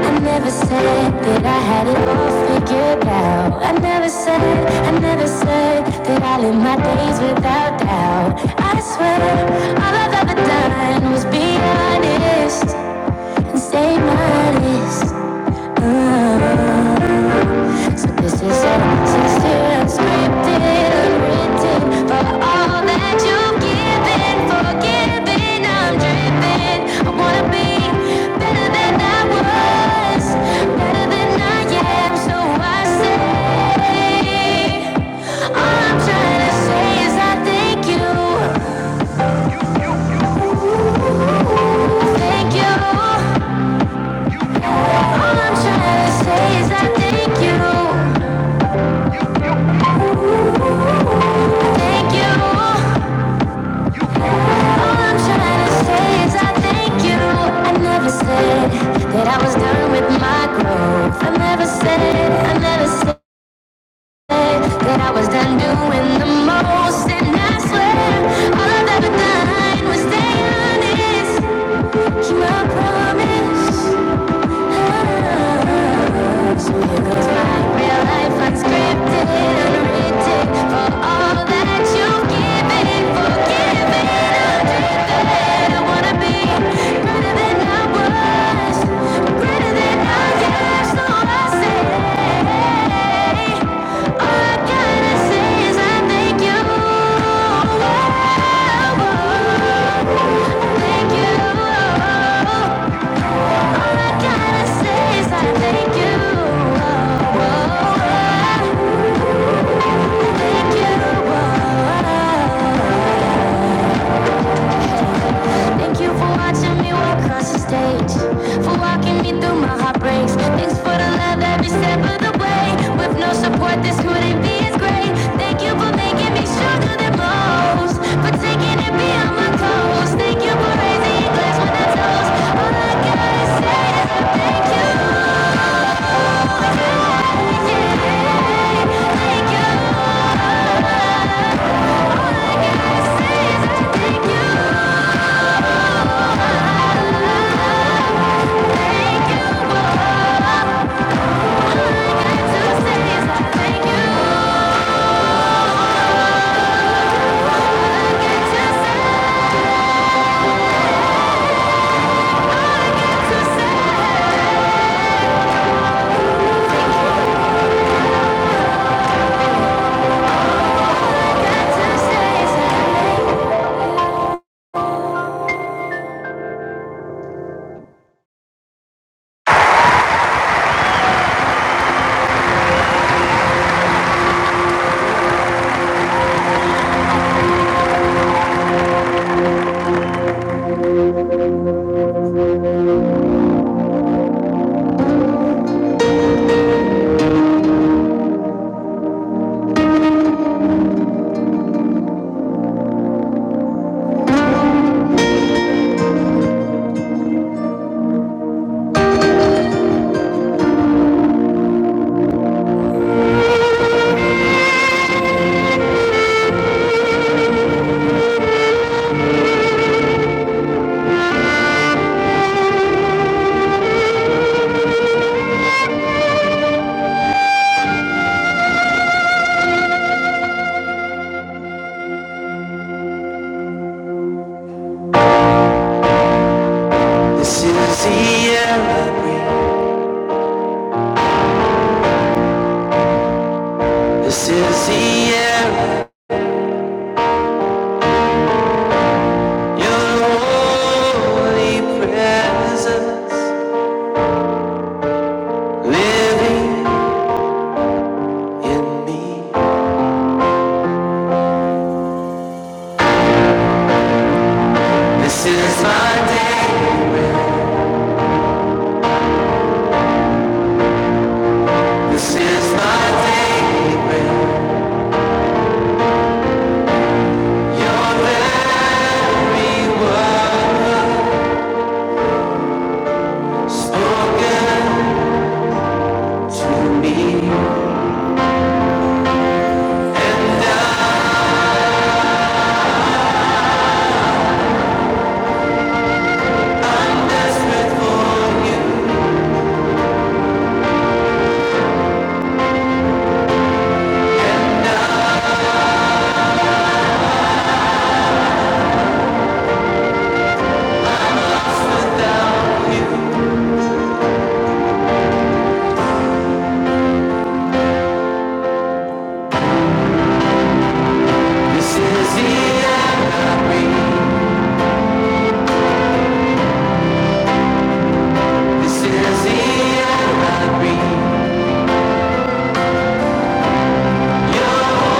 I never said that I had it all figured out. I never said, I never said that I live my days without doubt. I swear, all I've ever done was be honest and stay modest. So this is unscripted, unscripted, unwritten. For all that you've given, forgiven, I'm driven. I wanna be better than I was, better than I am. So I say, all I'm trying to say is I thank you, thank you. All I'm trying to say is I thank you, thank you. All I'm trying to say is I thank you. I never said that I was done with my growth. I never said, I never said that I was done doing the most. And I swear, all i ever done was stay honest. Keep my promise. Thank you. All I gotta say is I thank you. Oh, oh, thank you. Oh, thank you for watching me walk across the stage, for walking me through my heartbreaks. Thanks for the love every step of the way. With no support, this couldn't be as great. Thank you for making me stronger than most, for taking it beyond my clothes. Thank you for raising a when I toast. All I gotta say is I thank you. This is the air, I breathe. this is the air, your holy presence. Living in me. This is my day. This is my day. when Your very word spoken to me. And I, I'm desperate for you. And I'm without you. This is the air I breathe. This is the air I breathe. Your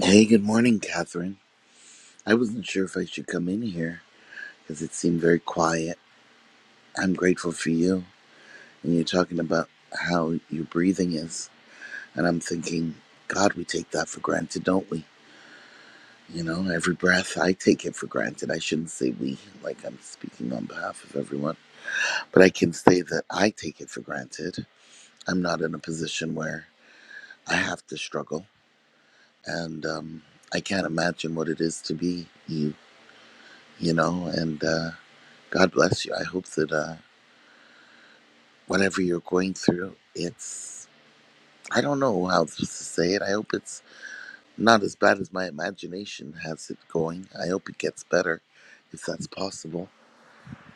Hey, good morning, Catherine. I wasn't sure if I should come in here because it seemed very quiet. I'm grateful for you. And you're talking about how your breathing is. And I'm thinking, God, we take that for granted, don't we? You know, every breath, I take it for granted. I shouldn't say we, like I'm speaking on behalf of everyone. But I can say that I take it for granted. I'm not in a position where I have to struggle. And um, I can't imagine what it is to be you, you know? And, uh, God bless you. I hope that uh, whatever you're going through, it's, I don't know how to say it. I hope it's not as bad as my imagination has it going. I hope it gets better if that's possible.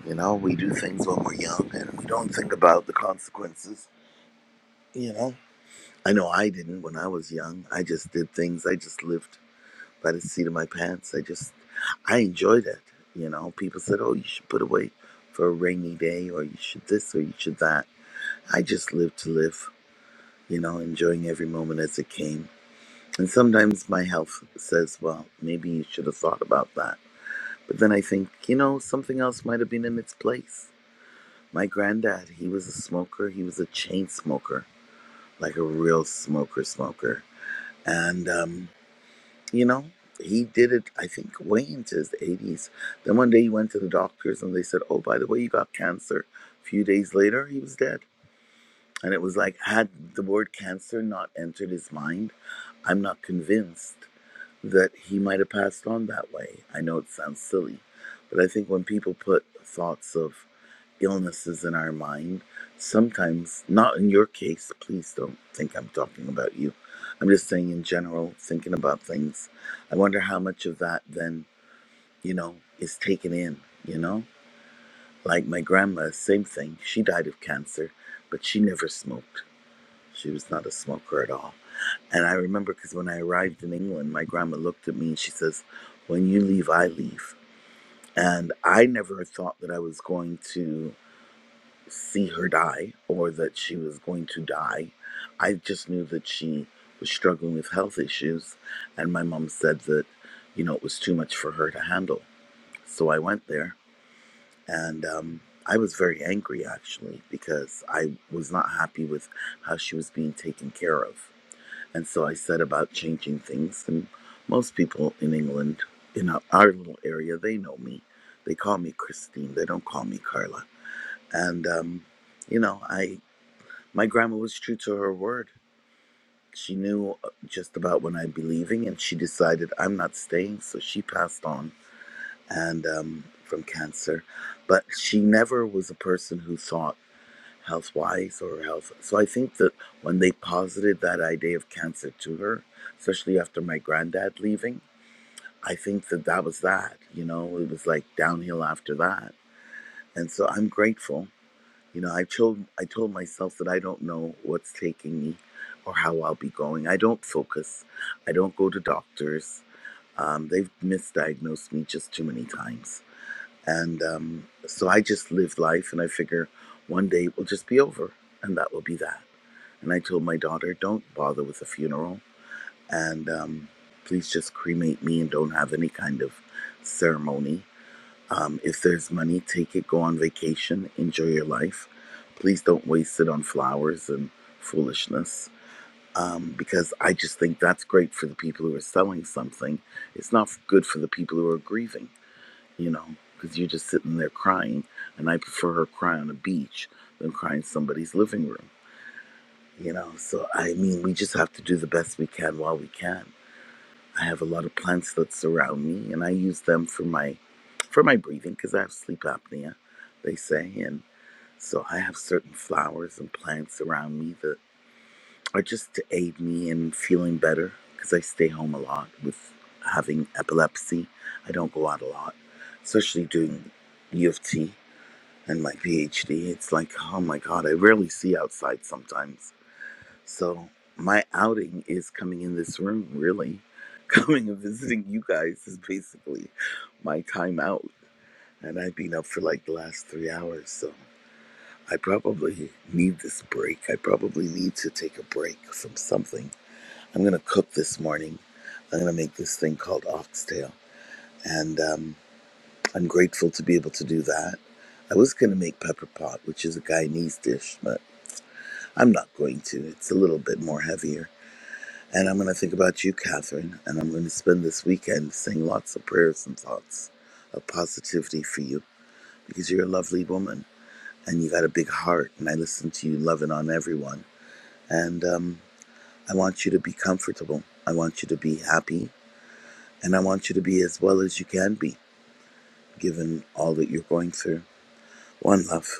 You know, we do things when we're young and we don't think about the consequences. You know, I know I didn't when I was young. I just did things, I just lived by the seat of my pants. I just, I enjoyed it. You know, people said, oh, you should put away for a rainy day or you should this or you should that I just live to live, you know, enjoying every moment as it came. And sometimes my health says, well, maybe you should have thought about that. But then I think, you know, something else might have been in its place. My granddad, he was a smoker. He was a chain smoker, like a real smoker smoker. And, um, you know, he did it, I think, way into his 80s. Then one day he went to the doctors and they said, oh, by the way, you got cancer. A few days later, he was dead. And it was like, had the word cancer not entered his mind, I'm not convinced that he might have passed on that way. I know it sounds silly, but I think when people put thoughts of illnesses in our mind, sometimes, not in your case, please don't think I'm talking about you. I'm just saying, in general, thinking about things, I wonder how much of that then, you know, is taken in, you know? Like my grandma, same thing. She died of cancer, but she never smoked. She was not a smoker at all. And I remember because when I arrived in England, my grandma looked at me and she says, When you leave, I leave. And I never thought that I was going to see her die or that she was going to die. I just knew that she was struggling with health issues. And my mom said that, you know, it was too much for her to handle. So I went there and, um, I was very angry actually because I was not happy with how she was being taken care of and so I said about changing things. And most people in England, in our, little area, they know me. They call me Christine. They don't call me Carla. And um, you know, I my grandma was true to her word. She knew uh, just about when I'd be leaving, and she decided I'm not staying. So she passed on, and um, from cancer. But she never was a person who thought health-wise or health. So I think that when they posited that idea of cancer to her, especially after my granddad leaving, I think that that was that. You know, it was like downhill after that. And so I'm grateful. You know, I told I told myself that I don't know what's taking me or how I'll be going. I don't focus. I don't go to doctors. Um, they've misdiagnosed me just too many times. And um, so I just live life and I figure one day it will just be over and that will be that. And I told my daughter, don't bother with the funeral. And um, please just cremate me and don't have any kind of ceremony. Um, if there's money, take it, go on vacation, enjoy your life. Please don't waste it on flowers and foolishness. Um, because I just think that's great for the people who are selling something. It's not good for the people who are grieving, you know, because you're just sitting there crying. And I prefer her cry on a beach than cry in somebody's living room you know so i mean we just have to do the best we can while we can i have a lot of plants that surround me and i use them for my for my breathing because i have sleep apnea they say and so i have certain flowers and plants around me that are just to aid me in feeling better because i stay home a lot with having epilepsy i don't go out a lot especially doing u of t and my phd it's like oh my god i rarely see outside sometimes so my outing is coming in this room, really. Coming and visiting you guys is basically my time out. And I've been up for like the last three hours, so I probably need this break. I probably need to take a break from something. I'm gonna cook this morning. I'm gonna make this thing called oxtail, and um, I'm grateful to be able to do that. I was gonna make pepper pot, which is a Guyanese dish, but I'm not going to. It's a little bit more heavier And I'm going to think about you, Catherine, and I'm going to spend this weekend saying lots of prayers and thoughts of positivity for you because you're a lovely woman and you got a big heart. And I listen to you loving on everyone. And um, I want you to be comfortable. I want you to be happy. And I want you to be as well as you can be, given all that you're going through. One love.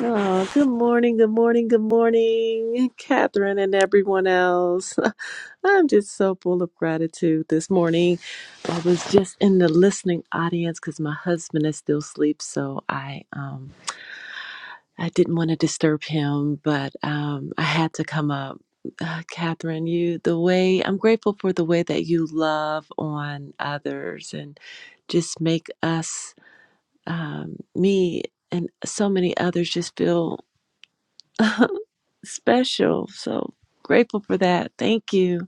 Oh, good morning, good morning, good morning, Catherine and everyone else. I'm just so full of gratitude this morning. I was just in the listening audience because my husband is still asleep, so I um I didn't want to disturb him, but um I had to come up. Uh, Catherine, you the way I'm grateful for the way that you love on others and just make us um, me and so many others just feel. special. So grateful for that. Thank you.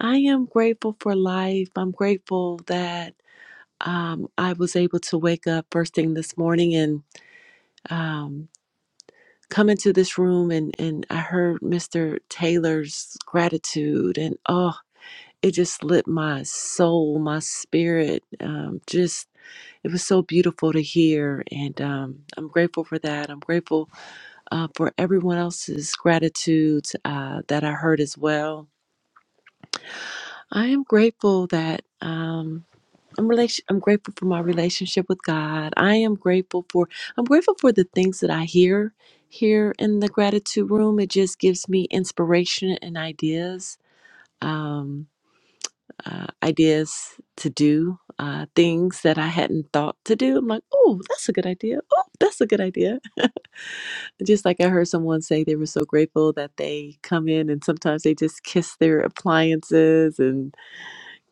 I am grateful for life. I'm grateful that um, I was able to wake up first thing this morning and um, come into this room and, and I heard Mr. Taylor's gratitude and oh, it just lit my soul, my spirit. Um, just it was so beautiful to hear, and um, I'm grateful for that. I'm grateful uh, for everyone else's gratitude uh, that I heard as well I am grateful that um I'm relation I'm grateful for my relationship with God. I am grateful for I'm grateful for the things that I hear here in the gratitude room. It just gives me inspiration and ideas. Um uh, ideas to do uh, things that I hadn't thought to do. I'm like, oh, that's a good idea. Oh, that's a good idea. just like I heard someone say they were so grateful that they come in and sometimes they just kiss their appliances and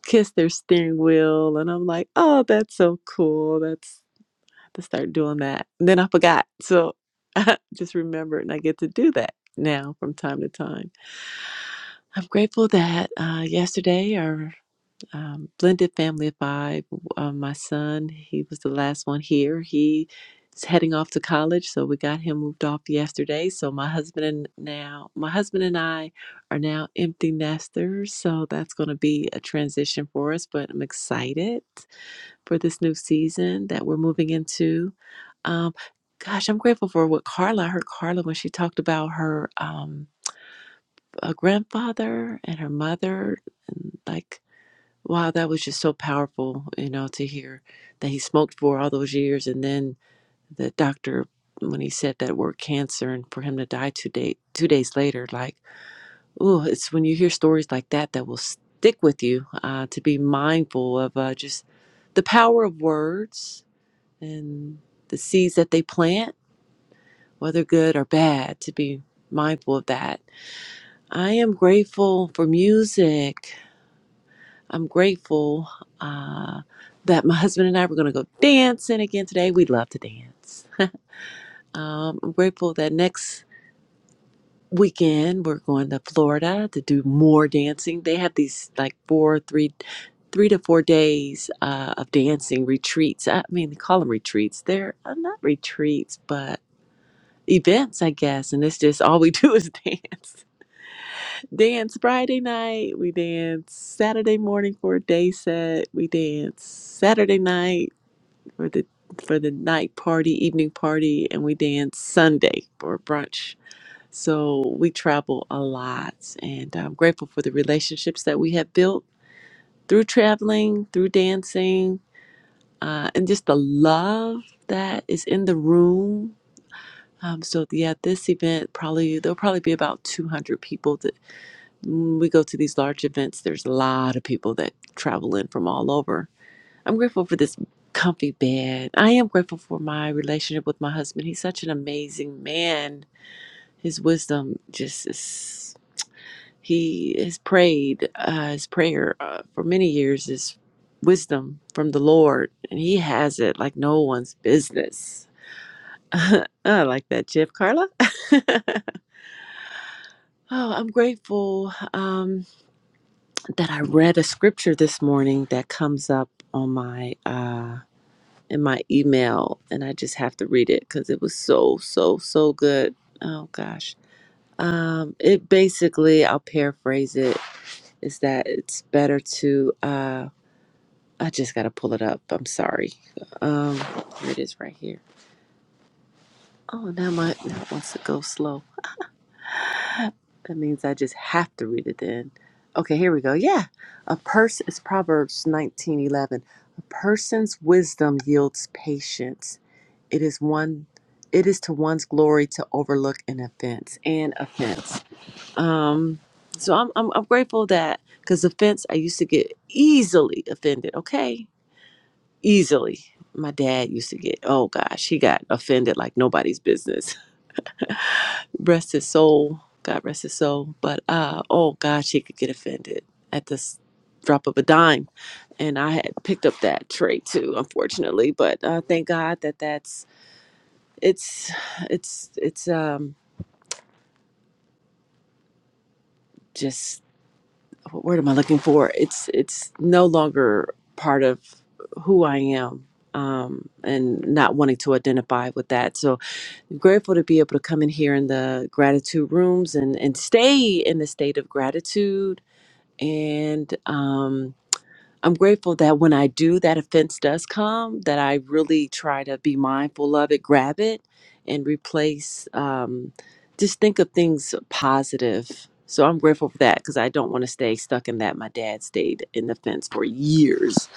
kiss their steering wheel and I'm like, oh, that's so cool. That's I have to start doing that. And then I forgot. So I just remembered and I get to do that now from time to time. I'm grateful that uh, yesterday or um, blended family of five. Uh, my son, he was the last one here. He is heading off to college, so we got him moved off yesterday. So my husband and now my husband and I are now empty nesters. So that's going to be a transition for us, but I'm excited for this new season that we're moving into. Um, gosh, I'm grateful for what Carla. I heard Carla when she talked about her um, uh grandfather and her mother, and like Wow, that was just so powerful, you know, to hear that he smoked for all those years and then the doctor when he said that word cancer and for him to die two day two days later, like, oh, it's when you hear stories like that that will stick with you, uh, to be mindful of uh, just the power of words and the seeds that they plant, whether good or bad, to be mindful of that. I am grateful for music. I'm grateful uh, that my husband and I were going to go dancing again today. We love to dance. Um, I'm grateful that next weekend we're going to Florida to do more dancing. They have these like four, three, three to four days uh, of dancing retreats. I mean, they call them retreats. They're uh, not retreats, but events, I guess. And it's just all we do is dance. dance Friday night. We dance Saturday morning for a day set. We dance Saturday night for the for the night party, evening party, and we dance Sunday for brunch. So we travel a lot, and I'm grateful for the relationships that we have built through traveling, through dancing, uh, and just the love that is in the room. Um, so yeah, this event probably there'll probably be about 200 people when we go to these large events, there's a lot of people that travel in from all over. I'm grateful for this comfy bed. I am grateful for my relationship with my husband. He's such an amazing man. His wisdom just is, he has prayed, uh, his prayer uh, for many years is wisdom from the Lord, and he has it like no one's business. I like that, Jeff Carla. oh, I'm grateful. Um, that I read a scripture this morning that comes up on my uh in my email and I just have to read it cuz it was so so so good. Oh gosh. Um it basically I'll paraphrase it is that it's better to uh I just got to pull it up. I'm sorry. Um here it is right here. Oh, now my now it wants to go slow. That means I just have to read it then. Okay, here we go. Yeah. A person it's Proverbs nineteen eleven. A person's wisdom yields patience. It is one it is to one's glory to overlook an offense and offense. Um so I'm I'm, I'm grateful that because offense I used to get easily offended, okay? Easily. My dad used to get, oh gosh, he got offended like nobody's business rest his soul. God rest his soul. But uh, oh God, she could get offended at this drop of a dime, and I had picked up that trait too, unfortunately. But uh, thank God that that's it's it's it's um just what word am I looking for? It's it's no longer part of who I am. Um, and not wanting to identify with that. So grateful to be able to come in here in the gratitude rooms and, and stay in the state of gratitude and um, I'm grateful that when I do, that offense does come. That I really try to be mindful of it, grab it, and replace. Um, just think of things positive. So I'm grateful for that because I don't want to stay stuck in that. My dad stayed in the fence for years,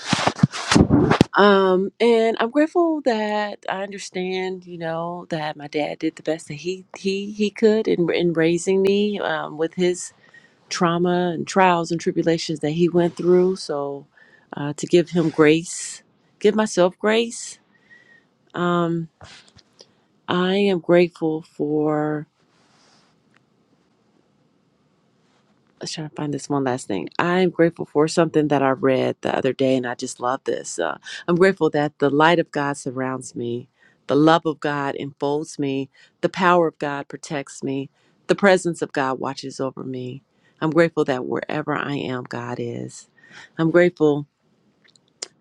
um, and I'm grateful that I understand. You know that my dad did the best that he he he could in in raising me um, with his trauma and trials and tribulations that he went through. So, uh, to give him grace, give myself grace. Um, I am grateful for. Let's try to find this one last thing. I am grateful for something that I read the other day, and I just love this. Uh, I'm grateful that the light of God surrounds me, the love of God enfolds me, the power of God protects me, the presence of God watches over me. I'm grateful that wherever I am, God is. I'm grateful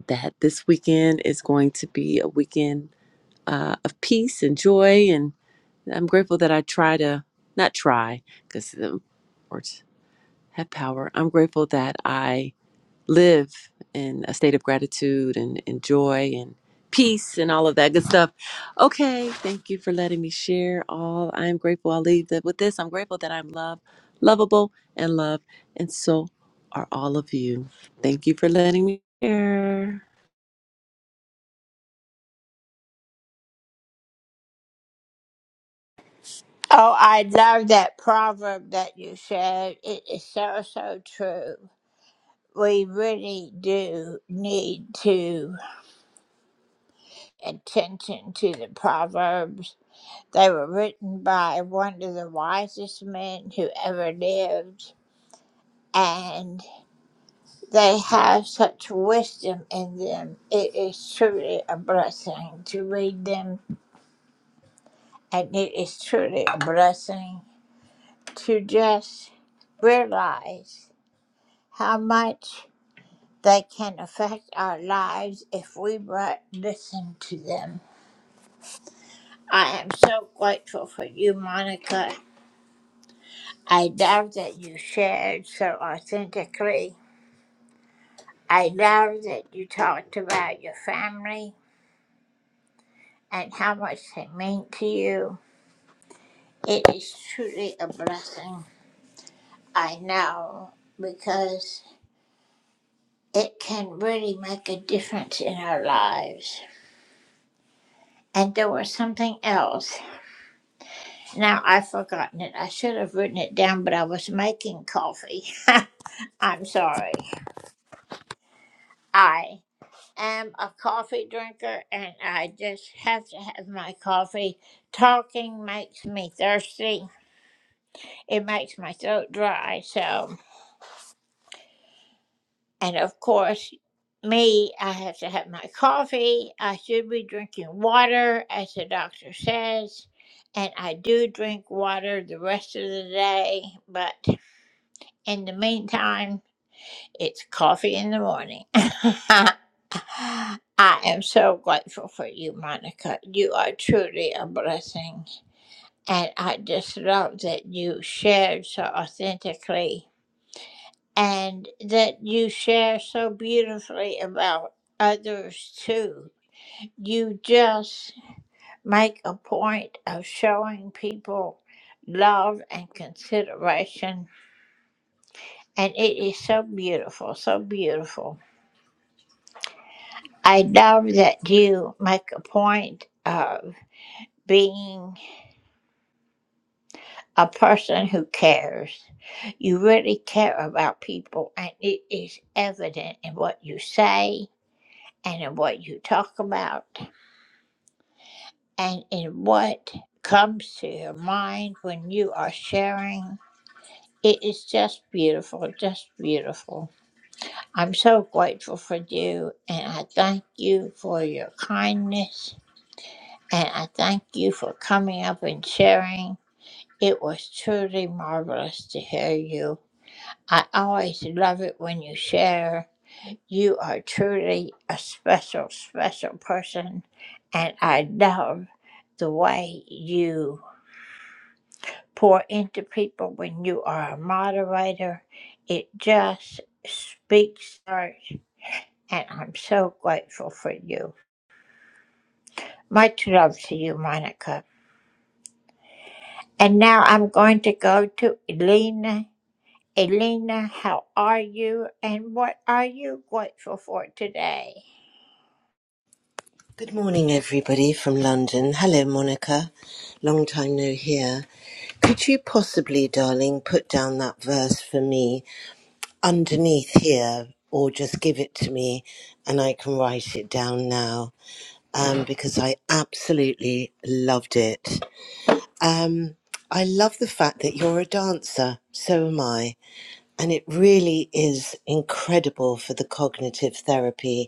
that this weekend is going to be a weekend uh, of peace and joy. And I'm grateful that I try to, not try, because the words have power. I'm grateful that I live in a state of gratitude and, and joy and peace and all of that good stuff. Okay, thank you for letting me share all. I am grateful. I'll leave that with this. I'm grateful that I'm loved, lovable, and loved. And so are all of you. Thank you for letting me share.
Good morning, everybody from London. Hello, Monica. Long time no hear. Could you possibly, darling, put down that verse for me underneath here, or just give it to me and I can write it down now? Um, because I absolutely loved it. Um, I love the fact that you're a dancer, so am I. And it really is incredible for the cognitive therapy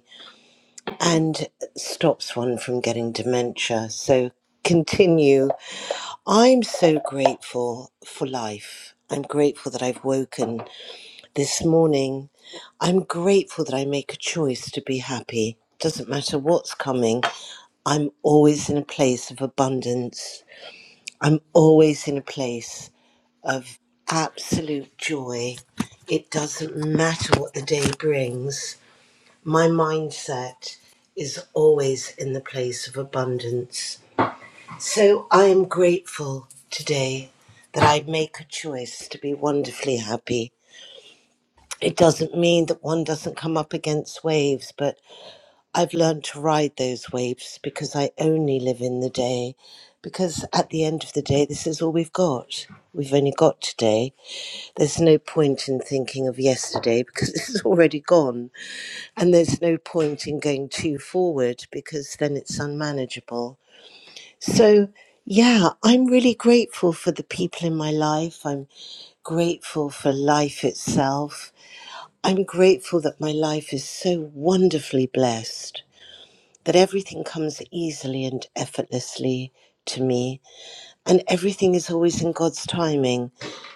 and stops one from getting dementia. So continue. I'm so grateful for life. I'm grateful that I've woken this morning. I'm grateful that I make a choice to be happy. Doesn't matter what's coming, I'm always in a place of abundance. I'm always in a place of absolute joy. It doesn't matter what the day brings my mindset is always in the place of abundance. So I am grateful today that I make a choice to be wonderfully happy. It doesn't mean that one doesn't come up against waves, but I've learned to ride those waves because I only live in the day. Because at the end of the day, this is all we've got. We've only got today. There's no point in thinking of yesterday because it's already gone. And there's no point in going too forward because then it's unmanageable. So, yeah, I'm really grateful for the people in my life. I'm grateful for life itself. I'm grateful that my life is so wonderfully blessed, that everything comes easily and effortlessly to me, and everything is always in God's timing.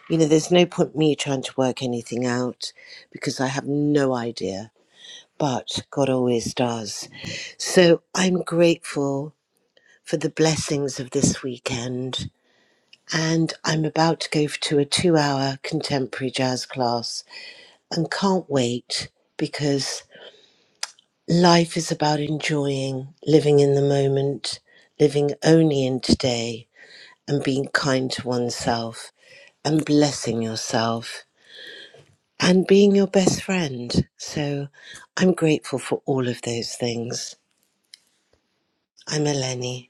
You know, there's no point me trying to work anything out because I have no idea. but God always does. So I'm grateful for the blessings of this weekend. And I'm about to go to a two hour contemporary jazz class and can't wait because life is about enjoying living in the moment, living only in today, and being kind to oneself and blessing yourself and being your best friend. So I'm grateful for all of those things. I'm Eleni.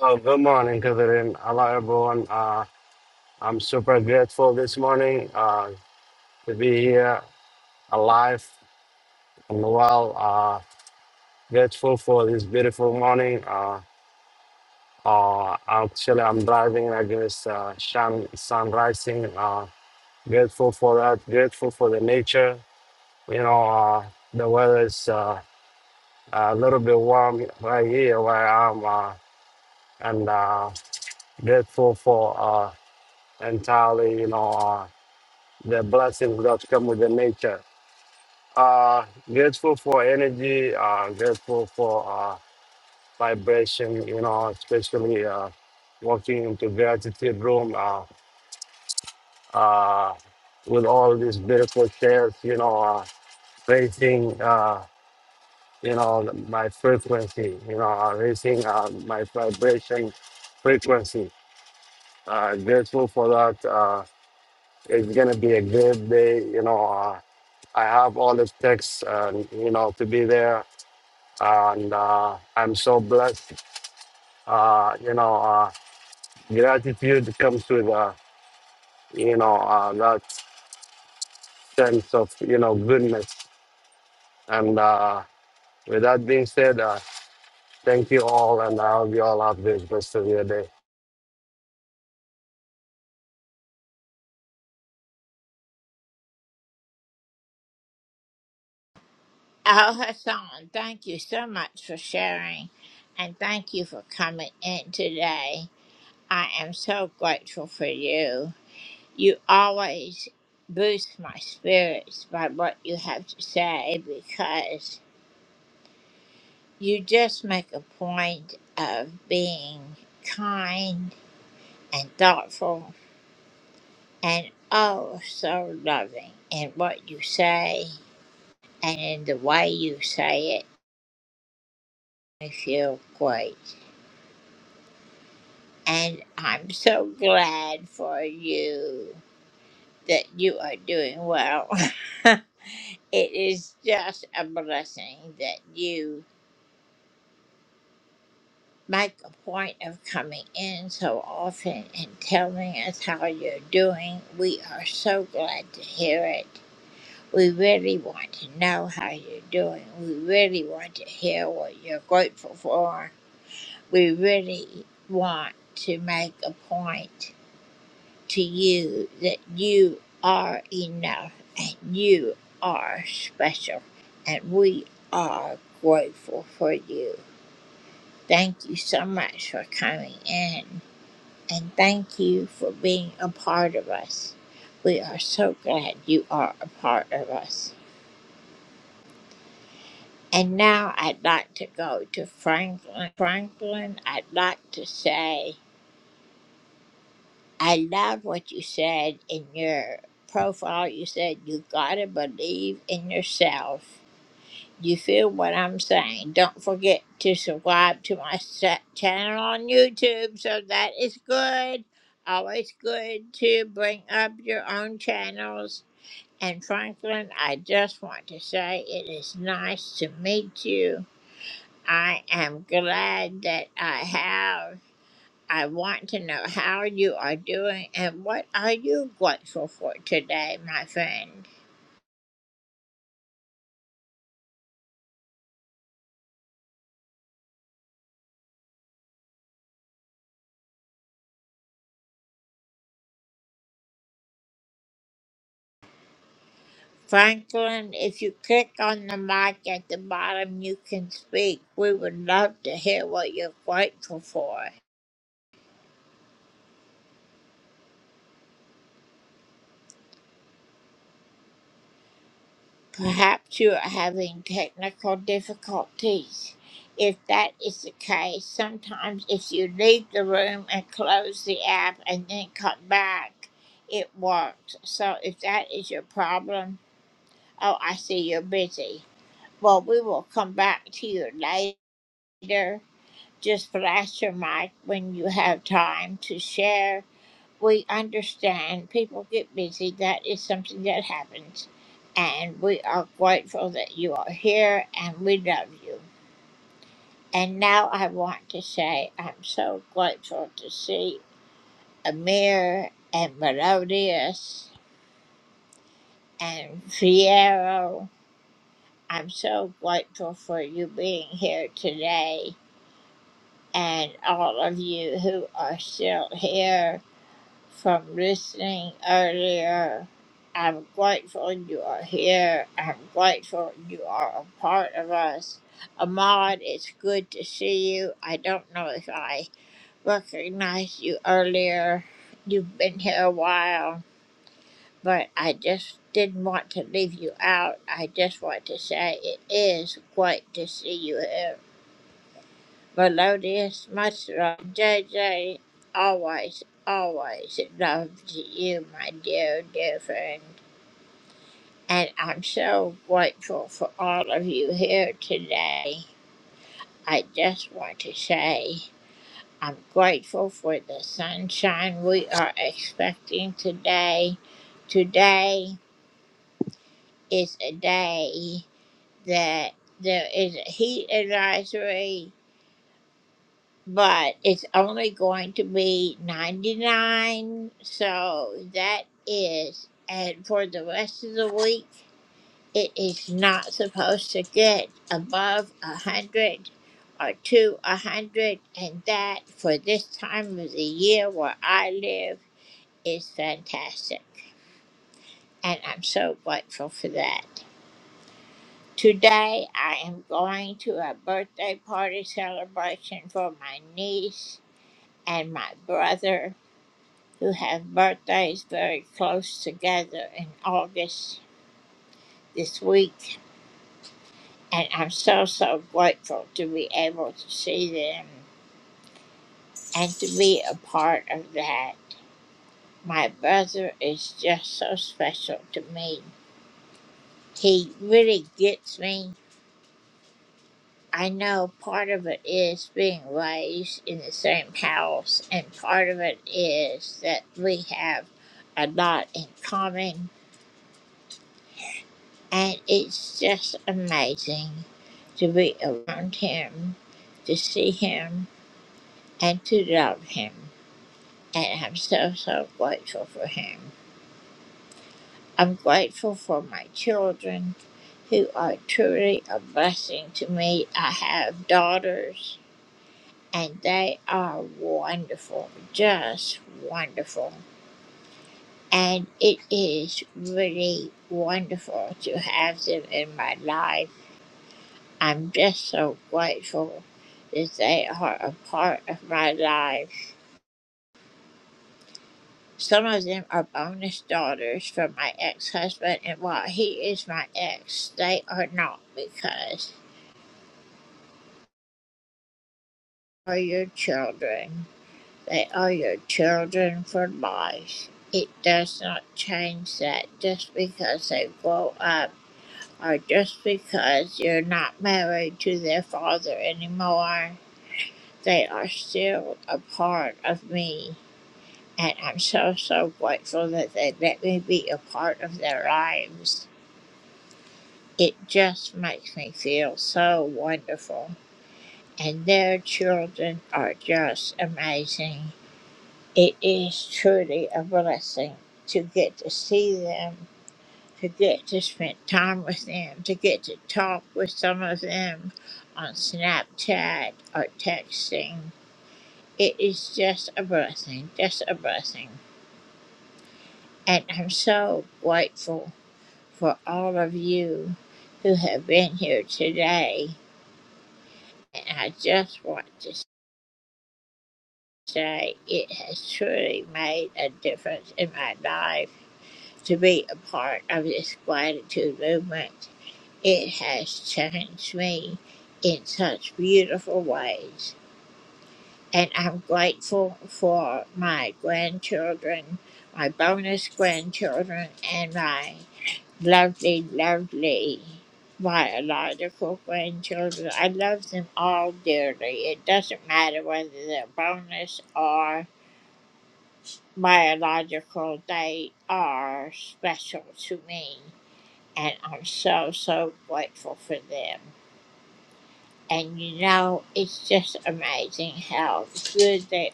Oh, good morning, Catherine. Hello, everyone. Uh, I'm super grateful this morning uh, to be here alive and well. Uh, grateful for this beautiful morning. Uh, uh, actually, I'm driving against uh, sun, sun rising. Uh, grateful for that. Grateful for the nature. You know, uh, the weather is uh, a little bit warm right here where I am. Uh, and uh, grateful for uh, entirely, you know. Uh, the blessings that come with the nature. Uh, grateful for energy, uh, grateful for uh, vibration, you know, especially uh, walking into gratitude room uh, uh, with all these beautiful chairs. you know, uh, raising, uh, you know, my frequency, you know, uh, raising uh, my vibration frequency. Uh, grateful for that. Uh, It's gonna be a great day. You know, uh, I have all the texts, and you know, to be there, and uh, I'm so blessed. Uh, you know, uh, gratitude comes with, uh, you know, uh, that sense of you know goodness. And uh, with that being said, uh, thank you all, and I hope you all have this rest of your day.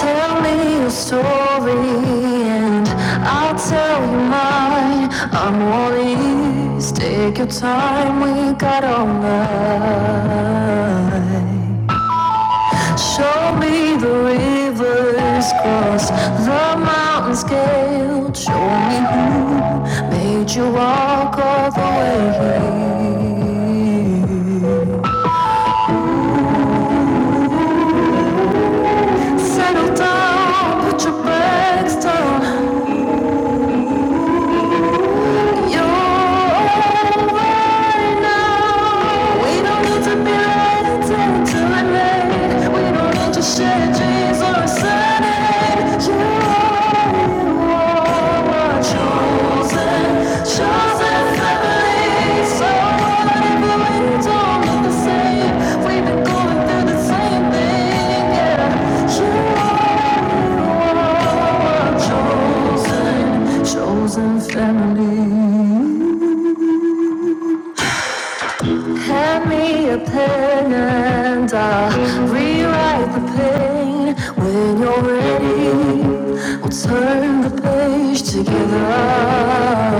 Tell me your story and I'll tell you mine. I'm all ears. Take your time, we got all night. Show me the rivers cross the mountains scaled. Show me who made you walk all the way. Settle down, put your bags down. You're over now. We don't need to be late until the night. We don't need to share dreams or a Sunday. You're right. Chosen family. Hand me a pen and I'll rewrite the pain when you're ready. We'll turn the page together.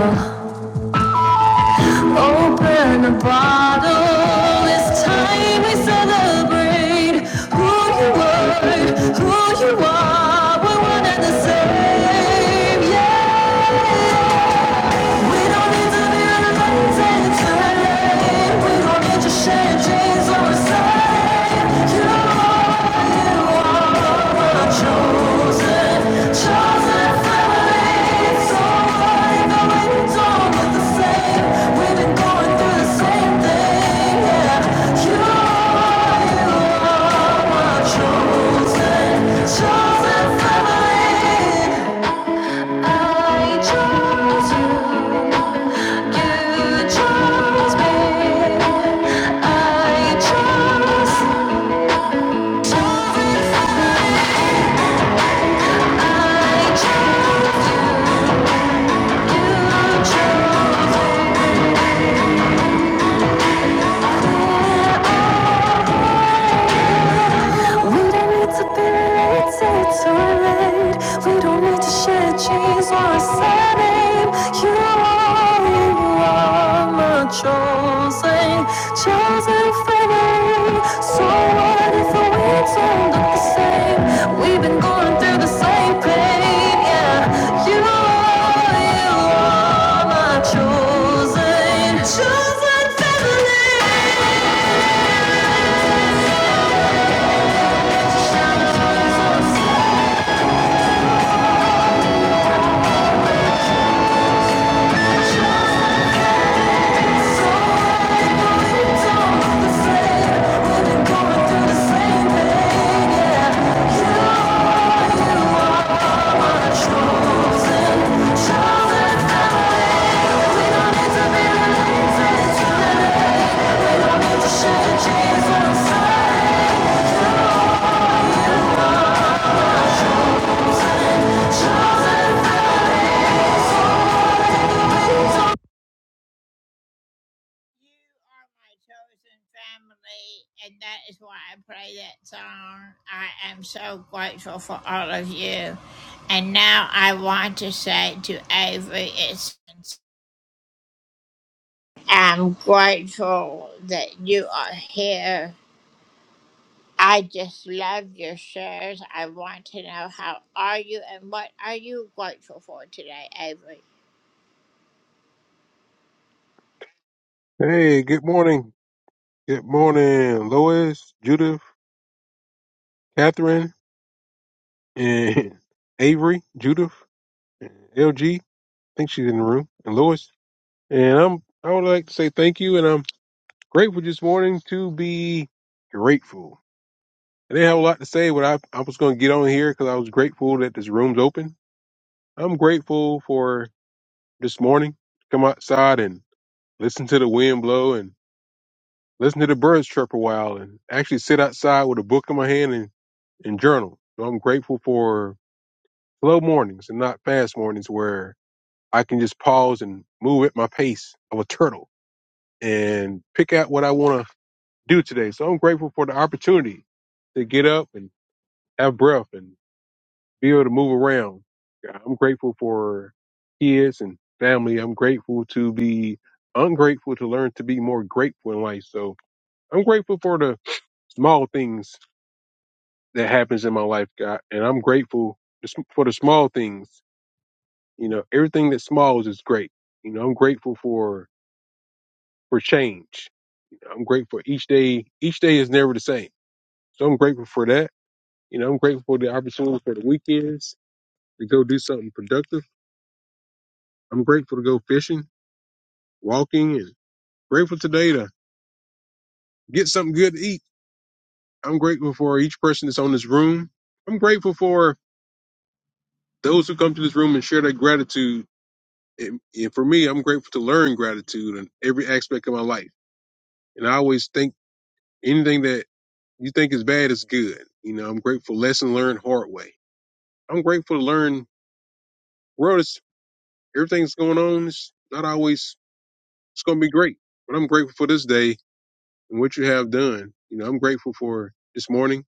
Open a bottle. It's time we celebrate who you were, who you are. We're one and the same. Yeah. Chosen family I chose you. You chose me. I chose. I chose you. You chose me. We don't need to be related to relate. We don't need to share genes or a surname. You are, you are my chosen, chosen family. So what if we don't look the same? We've been going through the same pain, yeah. You are, you are my chosen, chosen family. Change is on the side.
Hey, good morning. Good morning, Lois, Judith, Catherine, and Avery, Judith, and LG. I think she's in the room, and Lois. And I'm I would like to say thank you, and I'm grateful this morning to be grateful. I didn't have a lot to say, but I I was going to get on here because I was grateful that this room's open. I'm grateful for this morning. to Come outside and listen to the wind blow and listen to the birds chirp a while and actually sit outside with a book in my hand and. and journal. So I'm grateful for slow mornings and not fast mornings where I can just pause and move at my pace of a turtle and pick out what I want to do today. So I'm grateful for the opportunity to get up and have breath and be able to move around. Yeah, I'm grateful for kids and family. I'm grateful to be ungrateful to learn to be more grateful in life. So I'm grateful for the small things that happens in my life, God, and I'm grateful for the small things You know, everything that smiles is great. You know, I'm grateful for for change. I'm grateful each day. Each day is never the same, so I'm grateful for that. You know, I'm grateful for the opportunity for the weekends to go do something productive. I'm grateful to go fishing, walking, and grateful today to get something good to eat. I'm grateful for each person that's on this room. I'm grateful for those who come to this room and share their gratitude. And, and for me, I'm grateful to learn gratitude in every aspect of my life. And I always think Anything that you think is bad is good. You know, I'm grateful. Lesson learned hard way. I'm grateful to learn. World is everything's going on. It's not always. It's going to be great, but I'm grateful for this day and what you have done. You know, I'm grateful for this morning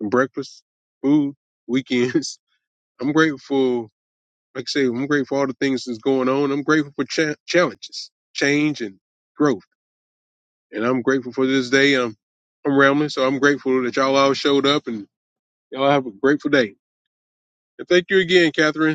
and breakfast, food, weekends. I'm grateful. Like I say, I'm grateful for all the things that's going on. I'm grateful for cha- challenges, change, and growth. And I'm grateful for this day. I'm I'm rambling, so I'm grateful that y'all all showed up and y'all have a grateful day. And thank you again, Catherine.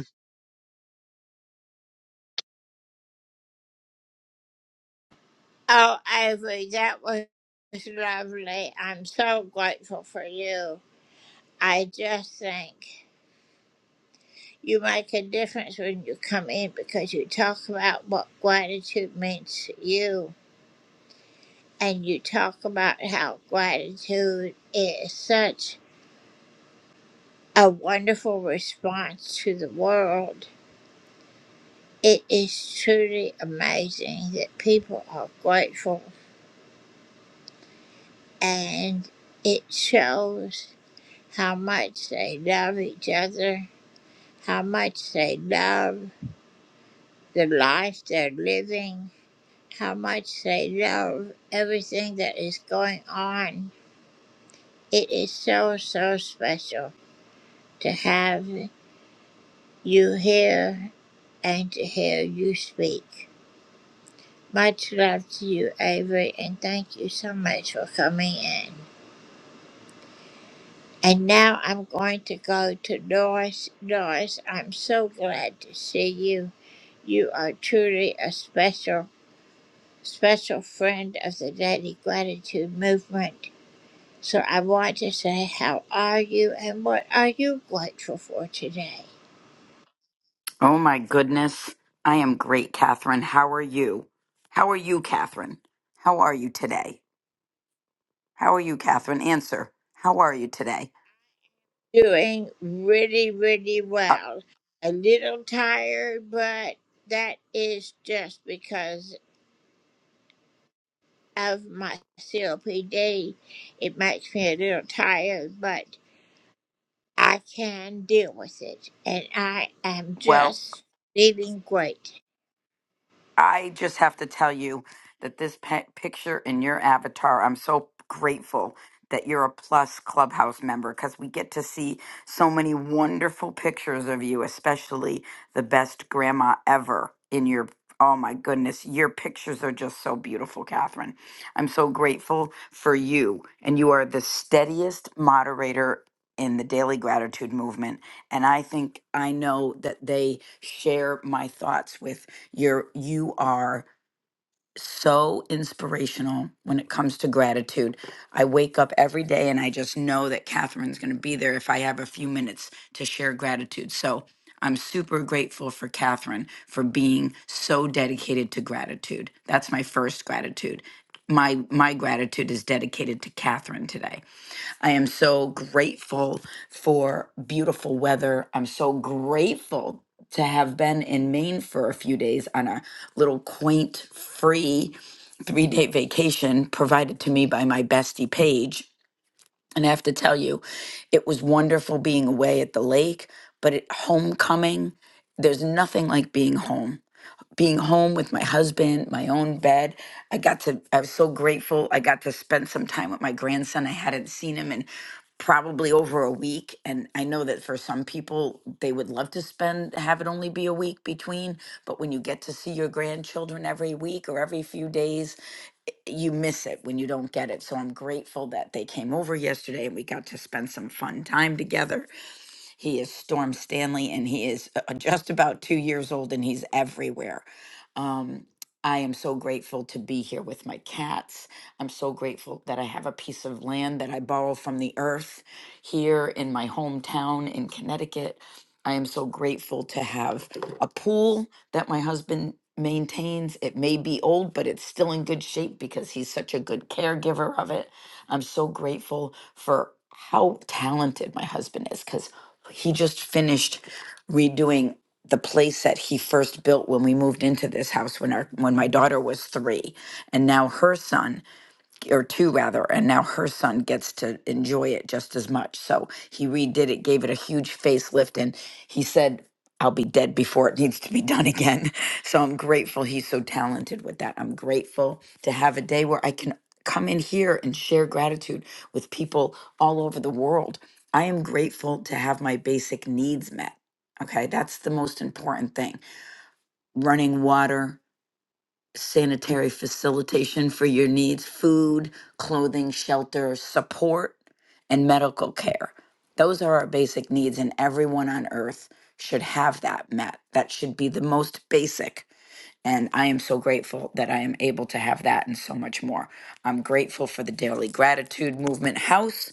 Oh my goodness. I am great, Catherine. How are you? How are you, Catherine? How are you today? How are you, Catherine? Answer. How are you today? Uh, well, I just have to tell you that this pe- picture in your avatar, I'm so grateful that you're a plus clubhouse member because we get to see so many wonderful pictures of you, especially the best grandma ever in your. Oh my goodness, your pictures are just so beautiful, Catherine. I'm so grateful for you. And you are the steadiest moderator in the daily gratitude movement. And I think I know that they share my thoughts with you're you are so inspirational when it comes to gratitude. I wake up every day and I just know that Catherine's going to be there if I have a few minutes to share gratitude. So I'm super grateful for Catherine for being so dedicated to gratitude. That's my first gratitude. My my gratitude is dedicated to Catherine today. I am so grateful for beautiful weather. I'm so grateful to have been in Maine for a few days on a little quaint, free three day vacation provided to me by my bestie, Paige. And I have to tell you, it was wonderful being away at the lake, but at homecoming, there's nothing like being home being home with my husband, my own bed. I got to, I was so grateful. I got to spend some time with my grandson. I hadn't seen him in probably over a week. And I know that for some people, they would love to spend, have it only be a week between. But when you get to see your grandchildren every week or every few days, i- you miss it when you don't get it. So I'm grateful that they came over yesterday and we got to spend some fun time together he is Storm Stanley, and he is uh, uh, just about two years old, and he's everywhere. Um, I am so grateful to be here with my cats. I'm so grateful that I have a piece of land that I borrow from the earth here in my hometown in Connecticut. I am so grateful to have a pool that my husband maintains. It may be old, but it's still in good shape because he's such a good caregiver of it. I'm so grateful for how talented my husband is because he just finished redoing the place that he first built when we moved into this house when our when my daughter was 3 and now her son or two rather, and now her son gets to enjoy it just as much. So he redid it, gave it a huge facelift, and he said, I'll be dead before it needs to be done again. So I'm grateful he's so talented with that. I'm grateful to have a day where I can come in here and share gratitude with people all over the world. I am grateful to have my basic needs met. Okay, that's the most important thing. Running water, sanitary facilitation for your needs food, clothing, shelter, support, and medical care. Those are our basic needs, and everyone on earth should have that met. That should be the most basic. And I am so grateful that I am able to have that and so much more. I'm grateful for the Daily Gratitude Movement House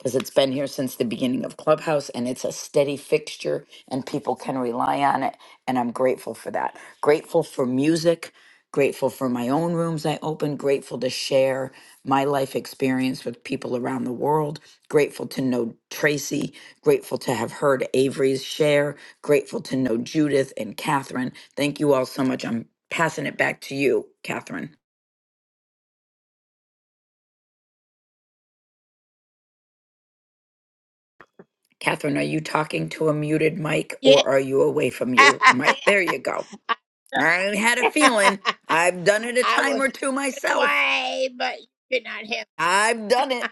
because it's been here since the beginning of Clubhouse and it's a steady fixture and people can rely on it. And I'm grateful for that. Grateful for music, grateful for my own rooms I open, grateful to share my life experience with people around the world, grateful to know Tracy, grateful to have heard Avery's share, grateful to know Judith and Catherine. Thank you all so much. I'm passing it back to you, Catherine. Catherine, are you talking to a muted mic or are you away from your mic? There you go. I had a feeling. I've done it a time or two myself. I've done it.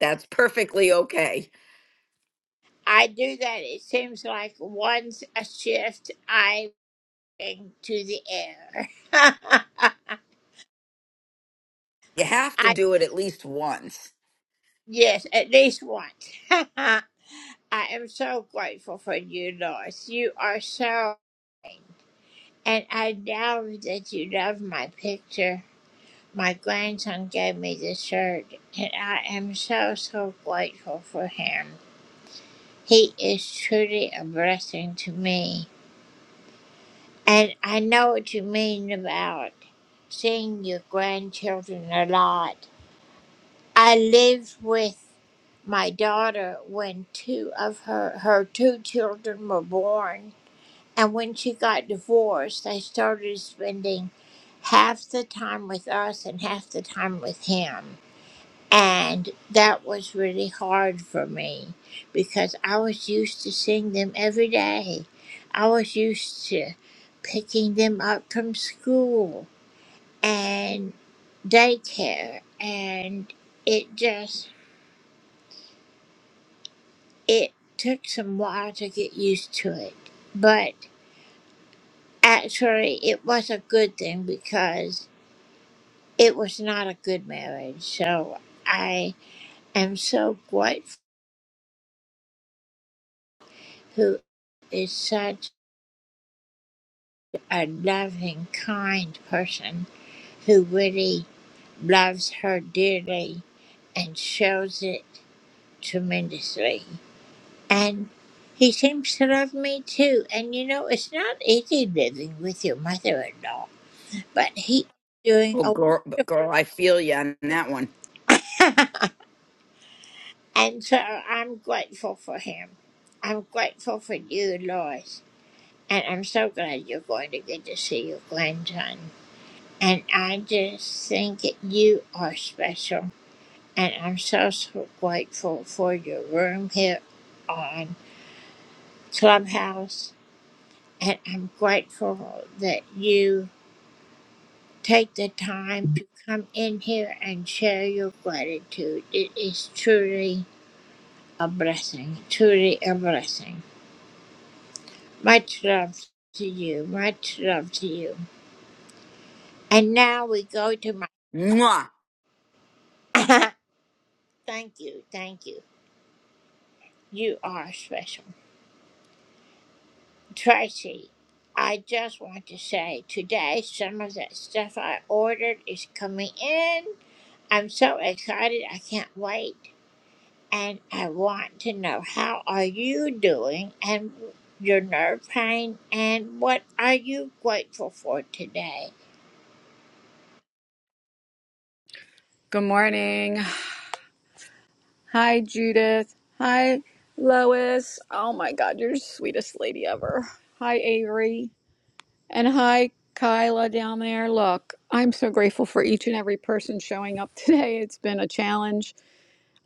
That's perfectly okay. You have to do it at least once. Well, girl, but girl I feel you on that one. Mwah.
Good morning. Hi, Judith. Hi, Lois. Oh my God, you're the sweetest lady ever. Hi, Avery. And hi, Kyla down there. Look, I'm so grateful for each and every person showing up today. It's been a challenge.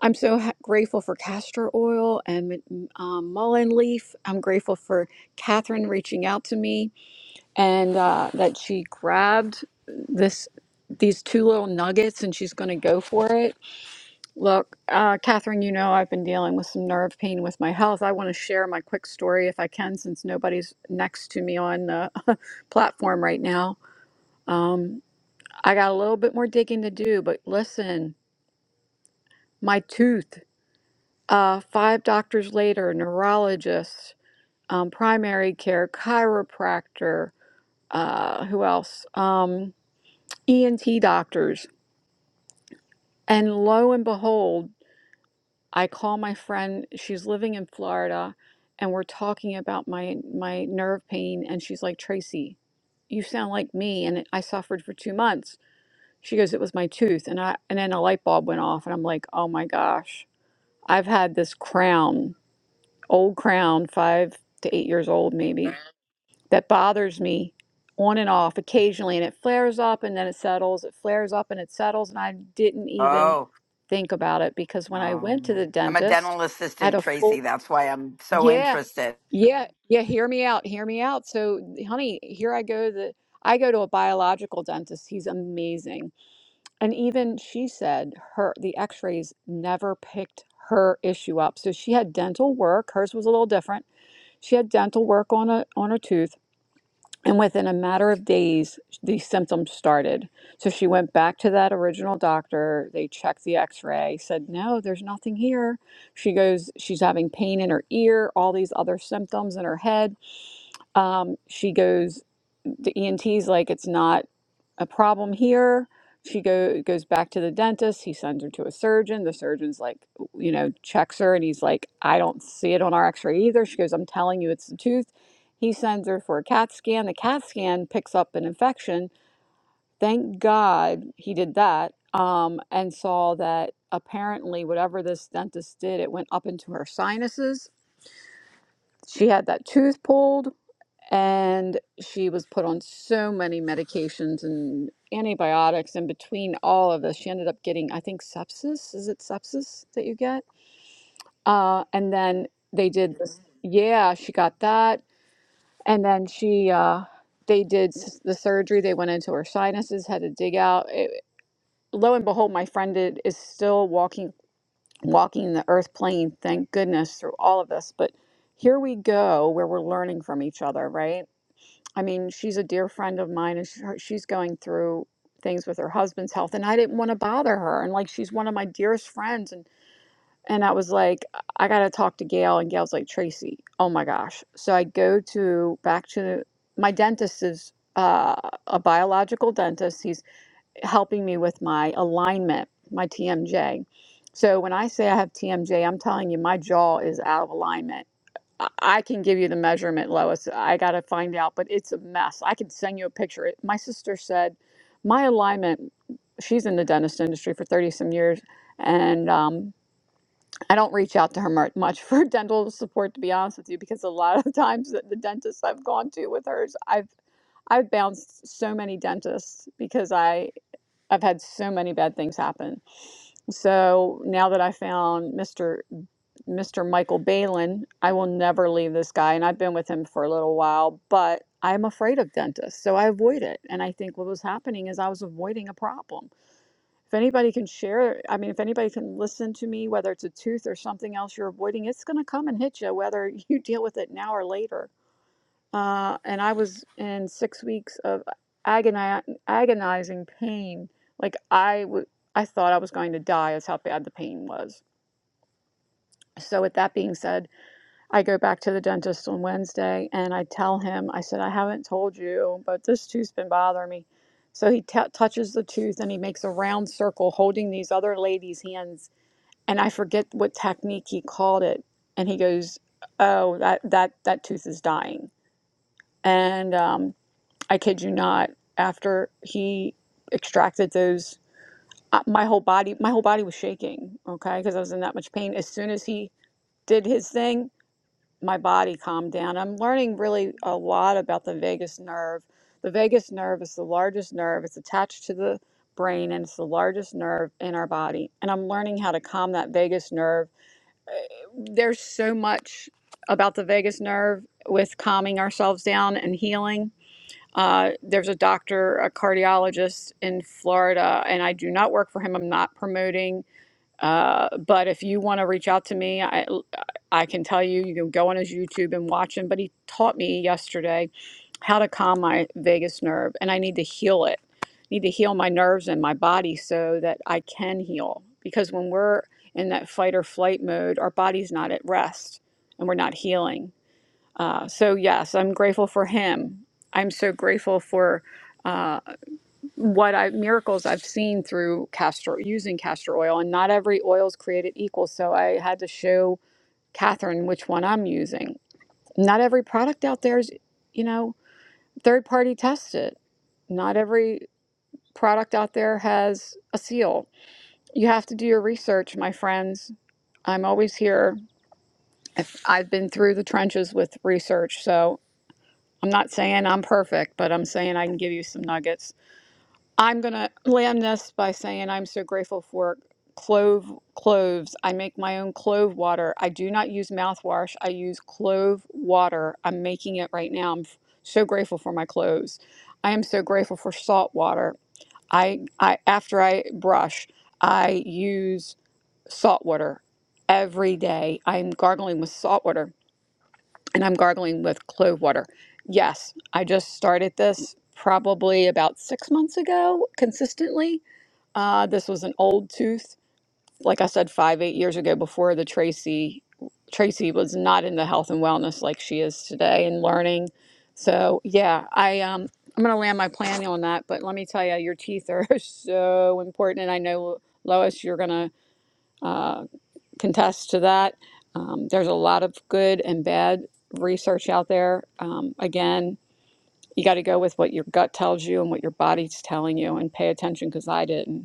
I'm so ha- grateful for castor oil and um, mullein leaf. I'm grateful for Catherine reaching out to me and uh, that she grabbed this these two little nuggets and she's going to go for it Look, uh, Catherine, you know I've been dealing with some nerve pain with my health. I want to share my quick story if I can, since nobody's next to me on the platform right now. Um, I got a little bit more digging to do, but listen, my tooth, uh, five doctors later, neurologist, um, primary care, chiropractor, uh, who else? Um, ENT doctors. And lo and behold, I call my friend, she's living in Florida, and we're talking about my my nerve pain and she's like, "Tracy, you sound like me and I suffered for 2 months." She goes, "It was my tooth." And I and then a light bulb went off and I'm like, "Oh my gosh. I've had this crown, old crown, 5 to 8 years old maybe." that bothers me on and off occasionally and it flares up and then it settles it flares up and it settles and i didn't even
Oh,
think about it because when i went to
um,
the
I'm a
dentist
dental
i had
assistant,
a full
Tracy. That's why I'm so
yeah
interested.
yeah yeah hear me out hear me out so honey here i go the i go to a biological dentist he's amazing and even she said her the x-rays never picked her issue up so she had dental work hers was a little different she had dental work on a on her tooth and within a matter of days, these symptoms started. So she went back to that original doctor. They checked the x ray, said, No, there's nothing here. She goes, She's having pain in her ear, all these other symptoms in her head. Um, she goes, The ENT's like, It's not a problem here. She go, goes back to the dentist. He sends her to a surgeon. The surgeon's like, you know, checks her and he's like, I don't see it on our x ray either. She goes, I'm telling you, it's the tooth. He sends her for a CAT scan. The CAT scan picks up an infection. Thank God he did that um, and saw that apparently, whatever this dentist did, it went up into her sinuses. She had that tooth pulled and she was put on so many medications and antibiotics and between all of this she ended up getting i think sepsis is it sepsis that you get uh, and then they did this yeah she got that and then she uh, they did s- the surgery they went into her sinuses had to dig out it, lo and behold my friend did, is still walking walking the earth plane thank goodness through all of this but here we go where we're learning from each other right I mean, she's a dear friend of mine, and she, her, she's going through things with her husband's health, and I didn't want to bother her, and like she's one of my dearest friends, and and I was like, I gotta talk to Gail, and Gail's like, Tracy, oh my gosh. So I go to back to my dentist is uh, a biological dentist. He's helping me with my alignment, my TMJ. So when I say I have TMJ, I'm telling you my jaw is out of alignment I I can give you the measurement, Lois. I got to find out, but it's a mess. I can send you a picture. It- My sister said my alignment, she's in the dentist industry for 30 some years, and um, I don't reach out to her mar- much for dental support, to be honest with you, because a lot of the times that the dentists I've gone to with hers, I've I've bounced so many dentists because I I've had so many bad things happen. So now that I found Mr. Mr. Michael Balin. I will never leave this guy, and I've been with him for a little while, but I'm afraid of dentists, so I avoid it. And I think what was happening is I was avoiding a problem. If anybody can share, I mean, if anybody can listen to me, whether it's a tooth or something else you're avoiding, it's going to come and hit you, whether you deal with it now or later. Uh, and I was in six weeks of agoni- agonizing pain. Like I, w- I thought I was going to die, is how bad the pain was. So, with that being said, I go back to the dentist on Wednesday and I tell him, I said, I haven't told you, but this tooth's been bothering me. So he t- touches the tooth and he makes a round circle holding these other ladies' hands. And I forget what technique he called it. And he goes, Oh, that, that, that tooth is dying. And um, I kid you not, after he extracted those, uh, my whole body, my whole body was shaking, okay, because I was in that much pain. As soon as he did his thing, my body calmed down. I'm learning really a lot about the vagus nerve. The vagus nerve is the largest nerve, it's attached to the brain and it's the largest nerve in our body. And I'm learning how to calm that vagus nerve. There's so much about the vagus nerve with calming ourselves down and healing. Uh, there's a doctor, a cardiologist in Florida, and I do not work for him. I'm not promoting. Uh, but if you want to reach out to me, I I can tell you you can go on his YouTube and watch him. But he taught me yesterday how to calm my vagus nerve, and I need to heal it. need to heal my nerves and my body so that I can heal. Because when we're in that fight or flight mode, our body's not at rest, and we're not healing. Uh, so yes, I'm grateful for him. I'm so grateful for. uh, what I miracles I've seen through castor using castor oil, and not every oil is created equal. So I had to show Catherine which one I'm using. Not every product out there is, you know, third party tested. Not every product out there has a seal. You have to do your research, my friends. I'm always here. If I've been through the trenches with research, so I'm not saying I'm perfect, but I'm saying I can give you some nuggets I'm going to land this by saying I'm so grateful for clove cloves. I make my own clove water. I do not use mouthwash. I use clove water. I'm making it right now. I'm f- so grateful for my cloves. I am so grateful for salt water. I, I after I brush, I use salt water every day. I'm gargling with salt water and I'm gargling with clove water. Yes, I just started this probably about 6 months ago consistently uh, this was an old tooth. Like I said, five, eight years ago before the Tracy, Tracy was not in the health and wellness like she is today and learning. So yeah, I, um, I'm going to land my plan on that, but let me tell you, your teeth are so important. And I know Lois, you're going to, uh, contest to that. Um, there's a lot of good and bad research out there. Um, again, you got to go with what your gut tells you and what your body's telling you and pay attention because I didn't.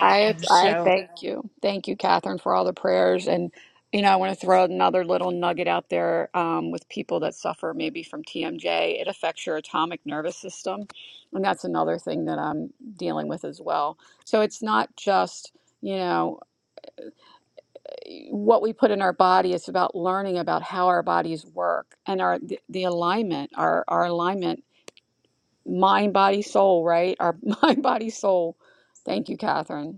I I thank you. Thank you, Catherine, for all the prayers. And you know, I want to throw another little nugget out there um, with people that suffer maybe from TMJ. It affects your atomic nervous system, and that's another thing that I'm dealing with as well. So it's not just you know eh, what we put in our body. It's about learning about how our bodies work and our the, the alignment, our our alignment, mind, body, soul. Right, our mind, body, soul. Thank you, Catherine.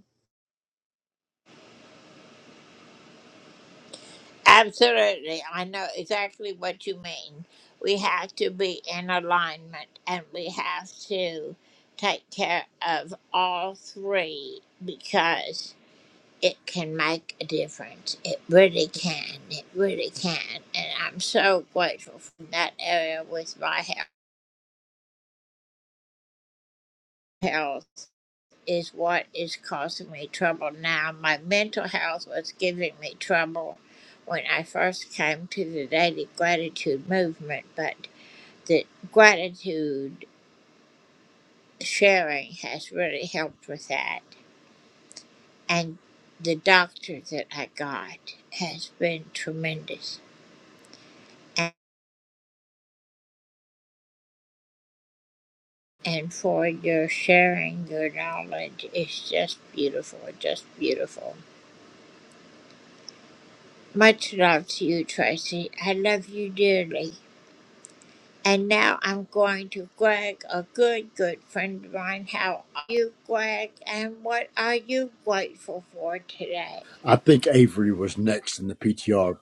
I think Avery was next in the PTR.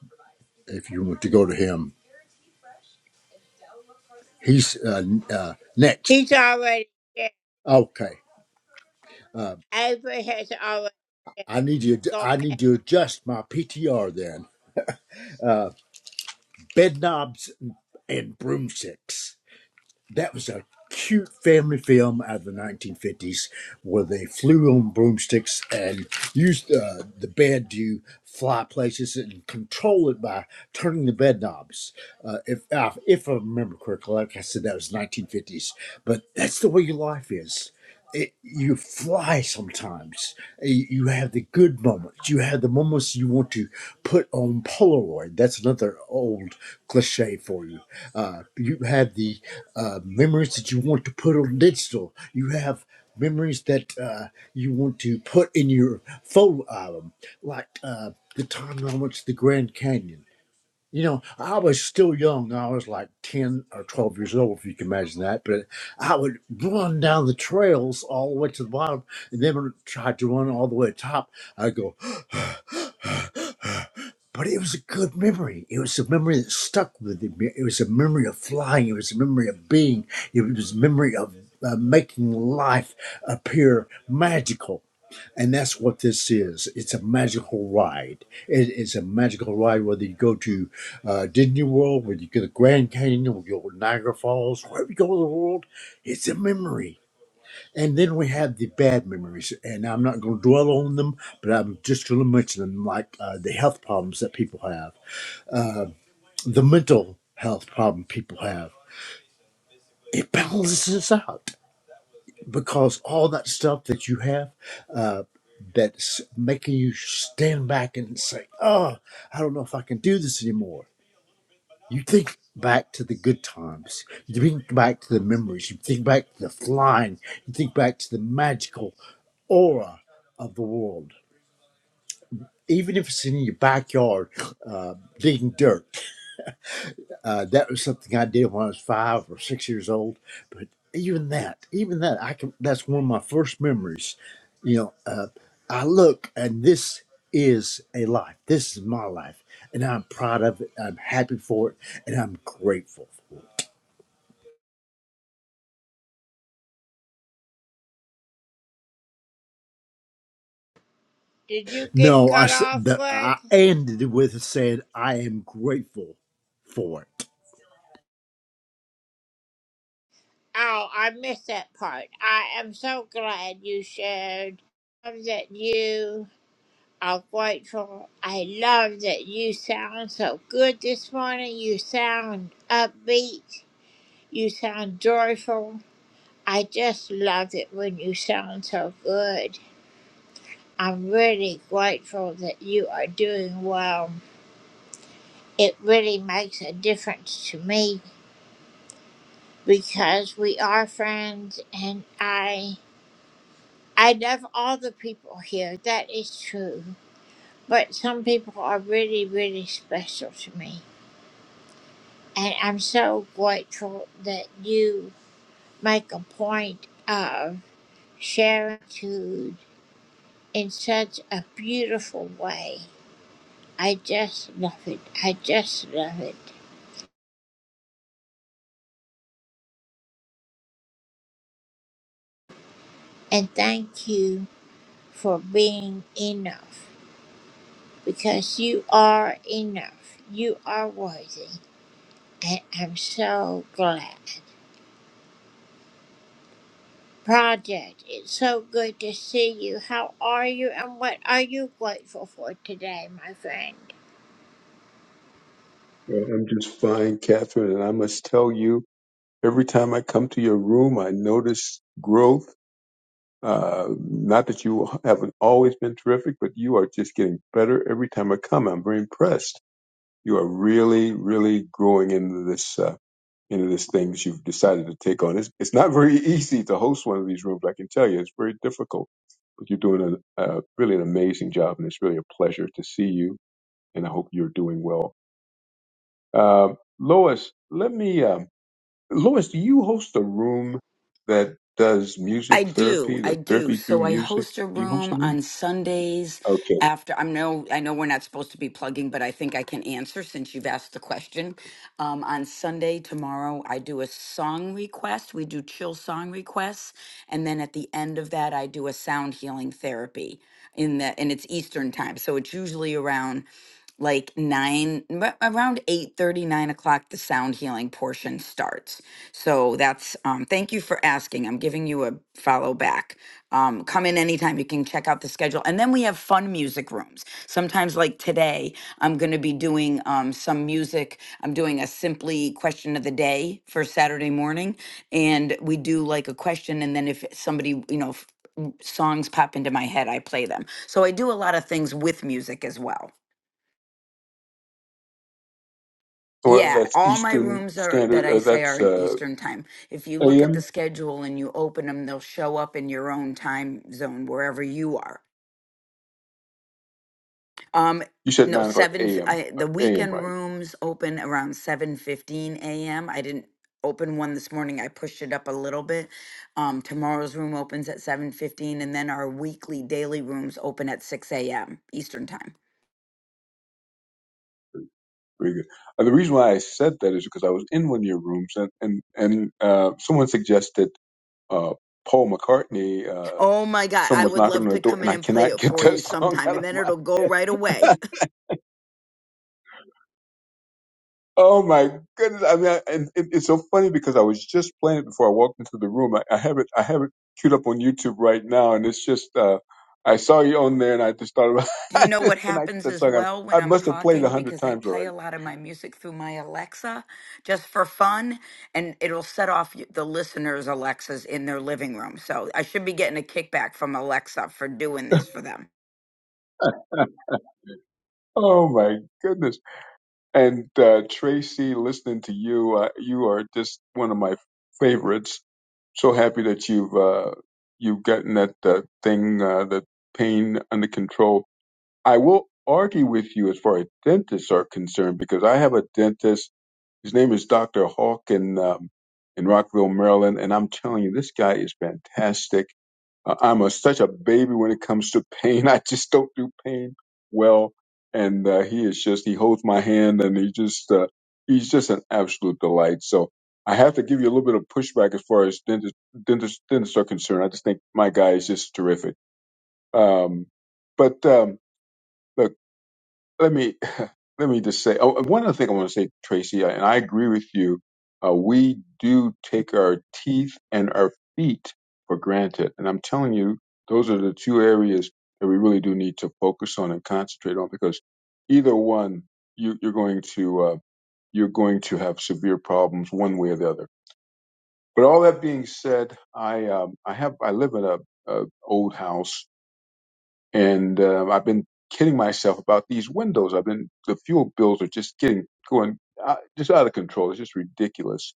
If you want to go to him, he's uh, uh, next. Okay. Uh, I need you. I need to adjust my PTR then. Bed knobs and broomsticks. that was a cute family film out of the 1950s where they flew on broomsticks and used uh, the bed to fly places and control it by turning the bed knobs. Uh, if, uh, if I remember correctly, like I said, that was 1950s, but that's the way your life is it, you fly sometimes. You you have the good moments. You have the moments you want to put on Polaroid. That's another old cliche for you. Uh, you have the uh, memories that you want to put on digital. You have memories that uh, you want to put in your photo album, like uh, the time I went to the Grand Canyon. You know, I was still young. I was like 10 or 12 years old, if you can imagine that. But I would run down the trails all the way to the bottom and then when I tried to run all the way to the top. I'd go, but it was a good memory. It was a memory that stuck with me. It was a memory of flying. It was a memory of being. It was a memory of uh, making life appear magical. And that's what this is. It's a magical ride. It is a magical ride, whether you go to uh, Disney World, whether you go to Grand Canyon, or you go to Niagara Falls, wherever you go in the world, it's a memory. And then we have the bad memories, and I'm not going to dwell on them, but I'm just going to mention them, like uh, the health problems that people have, uh, the mental health problem people have. It balances us out. because all that stuff that you have uh, that's making you stand back and say, "Oh, I don't know if I can do this anymore." You think back to the good times. You think back to the memories. You think back to the flying. You think back to the magical aura of the world. Even if it's in your backyard, uh, digging dirt, Uh, that was something I did when I was five or six years old. But even that, even that, I can. That's one of my first memories. You know, uh, I look and this is a life. This is my life, and I'm proud of it. I'm happy for it, and I'm grateful. No, I s- the, I ended with saying I am grateful for it.
Yeah, I'm just fine, Catherine, and I must tell you, every time I come to your room, I notice growth. Uh, not that you haven't always been terrific, but you are just getting better every time I come. I'm very impressed. You are really, really growing into this uh, into this thing that you've decided to take on. It's, it's not very easy to host one of these rooms. I can tell you, it's very difficult. But you're doing a, a really an amazing job, and it's really a pleasure to see you. And I hope you're doing well. Um Lois, let me. Um, Lois, do you host a room that does
I
music
do.
therapy,
I
the
do.
therapy through
So I
music?
host a
Do you host
room
a room?
on Sundays
Okay.
after I know I know we're not supposed to be plugging, but I think I can answer since you've asked the question. Um, on Sunday tomorrow, I do a song request. We do chill song requests, and then at the end of that, I do a sound healing therapy in the and it's Eastern time, so it's usually around like nine m- around eight thirty, nine o'clock the sound healing portion starts so that's um thank you for asking i'm giving you a follow back um come in anytime you can check out the schedule and then we have fun music rooms sometimes like today i'm going to be doing um some music i'm doing a simply question of the day for saturday morning and we do like a question and then if somebody you know if songs pop into my head i play them so i do a lot of things with music as well
Well,
Yeah,
that's
all my
Eastern
rooms are that
Standard.
I
Uh,
say
that's
are in
uh,
Eastern time. If you look at the
AM.
schedule and you open them, they'll show up in your own time zone wherever you are. Um,
You said
no,
nine o'clock
seven.
AM.
I,
Uh,
the
AM,
weekend
right?
rooms open around seven fifteen a.m. I didn't open one this morning. I pushed it up a little bit. Um, tomorrow's room opens at seven fifteen, and then our weekly daily rooms open at six a.m. Eastern time.
Very good. Uh, the reason why I said that is because I was in one of your rooms, and and and uh, someone suggested uh, Paul McCartney. Uh,
Oh my God, I
someone's
would
knocking
love
on the
to
door,
come
and
in
I
and play
cannot
it
get
for
that
you
song
sometime,
out
and
of
then
my
it'll
head.
go right away.
Oh my goodness! I mean, I, and it, it's so funny because I was just playing it before I walked into the room. I, I have it, I have it queued up on YouTube right now, and it's just uh, I saw you on there, and I just thought about
Do you
I
know what
just can I get
happens
that
as
song?
well
I,
when
I
I'm
must have played it a
talking?
hundred
Because I
times
play
already.
a lot of my music through my Alexa just for fun, and it'll set off y- the listeners' Alexas in their living room. So I should be getting a kickback from Alexa for doing this for them.
oh my goodness! And uh, Tracy, listening to you, uh, you are just one of my favorites. So happy that you've uh, you've gotten that uh, thing, uh, that pain under control I will argue with you as far as dentists are concerned because I have a dentist. His name is Dr. Hawk in, um, in Rockville, Maryland. And I'm telling you, this guy is fantastic. Uh, I'm a, such a baby when it comes to pain. I just don't do pain well. And uh, he is just, he holds my hand and he just, uh, he's just an absolute delight. So I have to give you a little bit of pushback as far as dentists, dentists, dentists are concerned. I just think my guy is just terrific. Um, but um, look let me let me just say oh, one other thing I want to say, Tracy, and I agree with you. Uh, we do take our teeth and our feet for granted, and I'm telling you, those are the two areas that we really do need to focus on and concentrate on because either one, you, you're going to uh, you're going to have severe problems one way or the other. But all that being said, I um, I have I live in a, a old house and uh, I've been kidding myself about these windows. I've been the fuel bills are just getting going uh, just out of control. It's just ridiculous.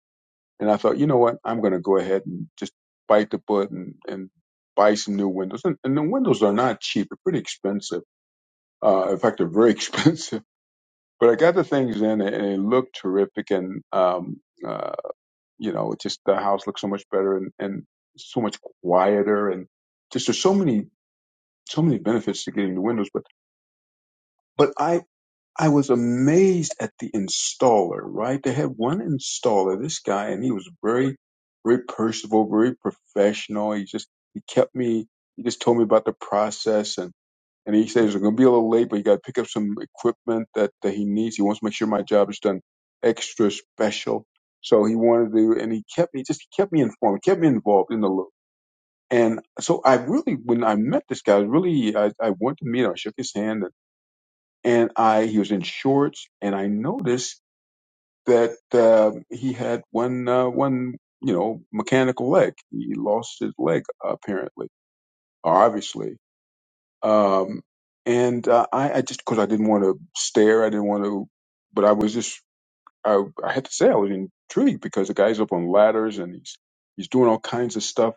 And I thought, you know what, I'm going to go ahead and just bite the bullet and, and buy some new windows. And, and the windows are not cheap; they're pretty expensive. Uh, in fact, they're very expensive. But I got the things in, and they look terrific. And um, uh, you know, just the house looks so much better and, and so much quieter. And just there's so many so many benefits to getting the windows, but. but I. I was amazed at the installer, right? They had one installer, this guy, and he was very, very personable, very professional. He just, he kept me, he just told me about the process and, and he says, I'm going to be a little late, but you got to pick up some equipment that, that he needs. He wants to make sure my job is done extra special. So he wanted to, and he kept me, just kept me informed, kept me involved in the loop. And so I really, when I met this guy, I was really, I, I went to meet him, I shook his hand, and I he was in shorts, and I noticed that uh, he had one uh, one you know mechanical leg. He lost his leg apparently, or obviously. Um, and uh, I, I just because I didn't want to stare, I didn't want to, but I was just I, I had to say I was intrigued because the guy's up on ladders and he's he's doing all kinds of stuff,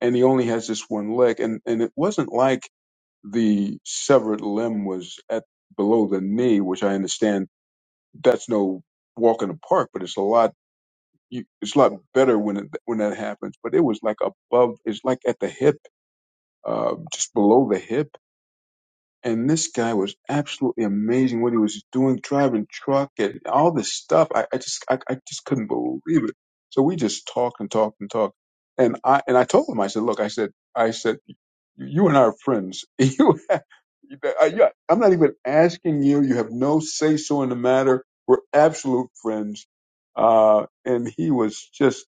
and he only has this one leg, and and it wasn't like the severed limb was at below the knee, which I understand that's no walk in the park, but it's a lot. You, it's a lot better when it, when that happens. But it was like above. It's like at the hip, uh, just below the hip. And this guy was absolutely amazing. What he was doing, driving truck and all this stuff. I, I just I, I just couldn't believe it. So we just talked and talked and talked. And I and I told him. I said, look, I said, I said. You, you and I are friends. You, have- you- I- you- I'm not even asking you. You have no say so in the matter. We're absolute friends. Uh, and he was just,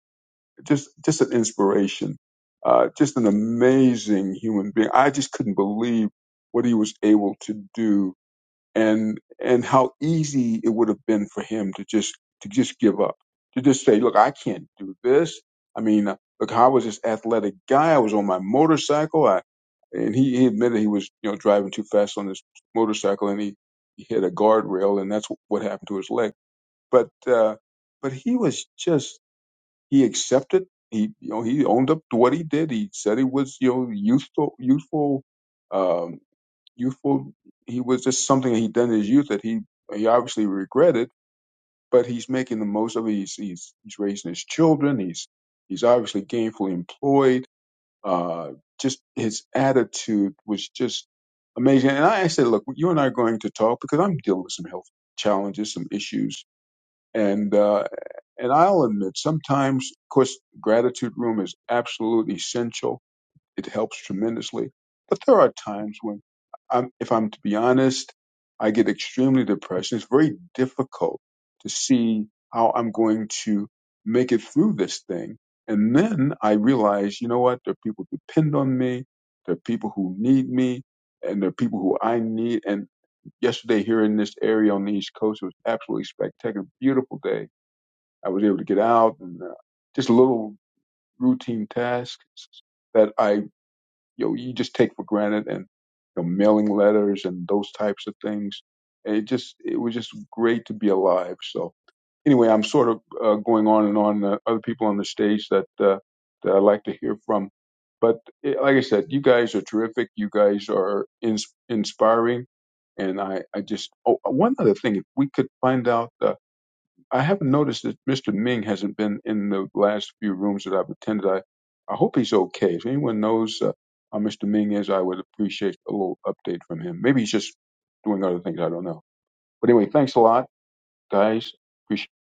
just, just an inspiration. Uh, just an amazing human being. I just couldn't believe what he was able to do and and how easy it would have been for him to just to just give up to just say look i can't do this i mean uh, look i was this athletic guy i was on my motorcycle i and he, he admitted he was you know driving too fast on his motorcycle and he, he hit a guardrail and that's wh- what happened to his leg but uh but he was just he accepted he you know he owned up to what he did he said he was you know youthful youthful Um, youthful. He was just something that he done in his youth that he he obviously regretted, but he's making the most of it. He's he's, he's raising his children. He's he's obviously gainfully employed. Uh, just his attitude was just amazing. And I, said, look, you and I are going to talk because I'm dealing with some health challenges, some issues, and uh, and I'll admit sometimes, of course, gratitude room is absolutely essential it helps tremendously. But there are times when, I'm, if I'm to be honest, I get extremely depressed. It's very difficult to see how I'm going to make it through this thing. And then I realize, you know what? There are people who depend on me. There are people who need me and there are people who I need. And yesterday here in this area on the East Coast, it was absolutely spectacular, beautiful day. I was able to get out and uh, just little routine tasks that I you know, you just take for granted and you know, mailing letters and those types of things. And It just it was just great to be alive. So anyway, I'm sort of uh, going on and on. Uh, other people on the stage that uh, that I like to hear from, but eh, like I said, you guys are terrific. You guys are ins- inspiring, and I I just oh, one other thing, if we could find out. Uh, I haven't noticed that Mr. Ming hasn't been in the last few rooms that I've attended. I, I hope he's okay. If anyone knows uh, how Mr. Ming is, I would appreciate a little update from him. Maybe he's just doing other things. I don't know. But anyway, thanks a lot, guys. Appreciate.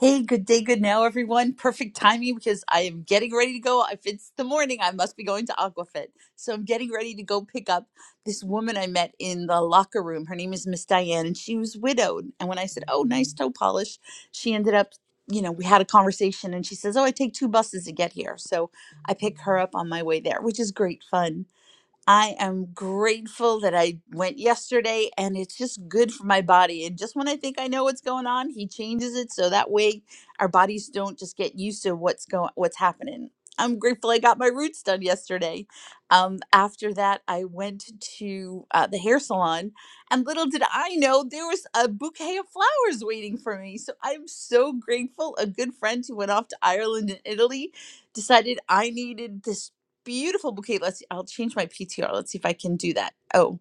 Hey, good day, good now, everyone. Perfect timing because I am getting ready to go. If it's the morning, I must be going to Aquafit. So I'm getting ready to go pick up this woman I met in the locker room. Her name is Miss Diane, and she was widowed. And when I said, Oh, nice toe polish, she ended up, you know, we had a conversation and she says, Oh, I take two buses to get here. So I pick her up on my way there, which is great fun. I am grateful that I went yesterday and it's just good for my body. And just when I think I know what's going on, he changes it so that way our bodies don't just get used to what's going what's happening. I'm grateful I got my roots done yesterday. Um, after that, I went to uh, the hair salon, and little did I know there was a bouquet of flowers waiting for me. So I'm so grateful. A good friend who went off to Ireland and Italy decided I needed this beautiful bouquet. Let's. I'll change my PTR. Let's see if I can do that. Oh,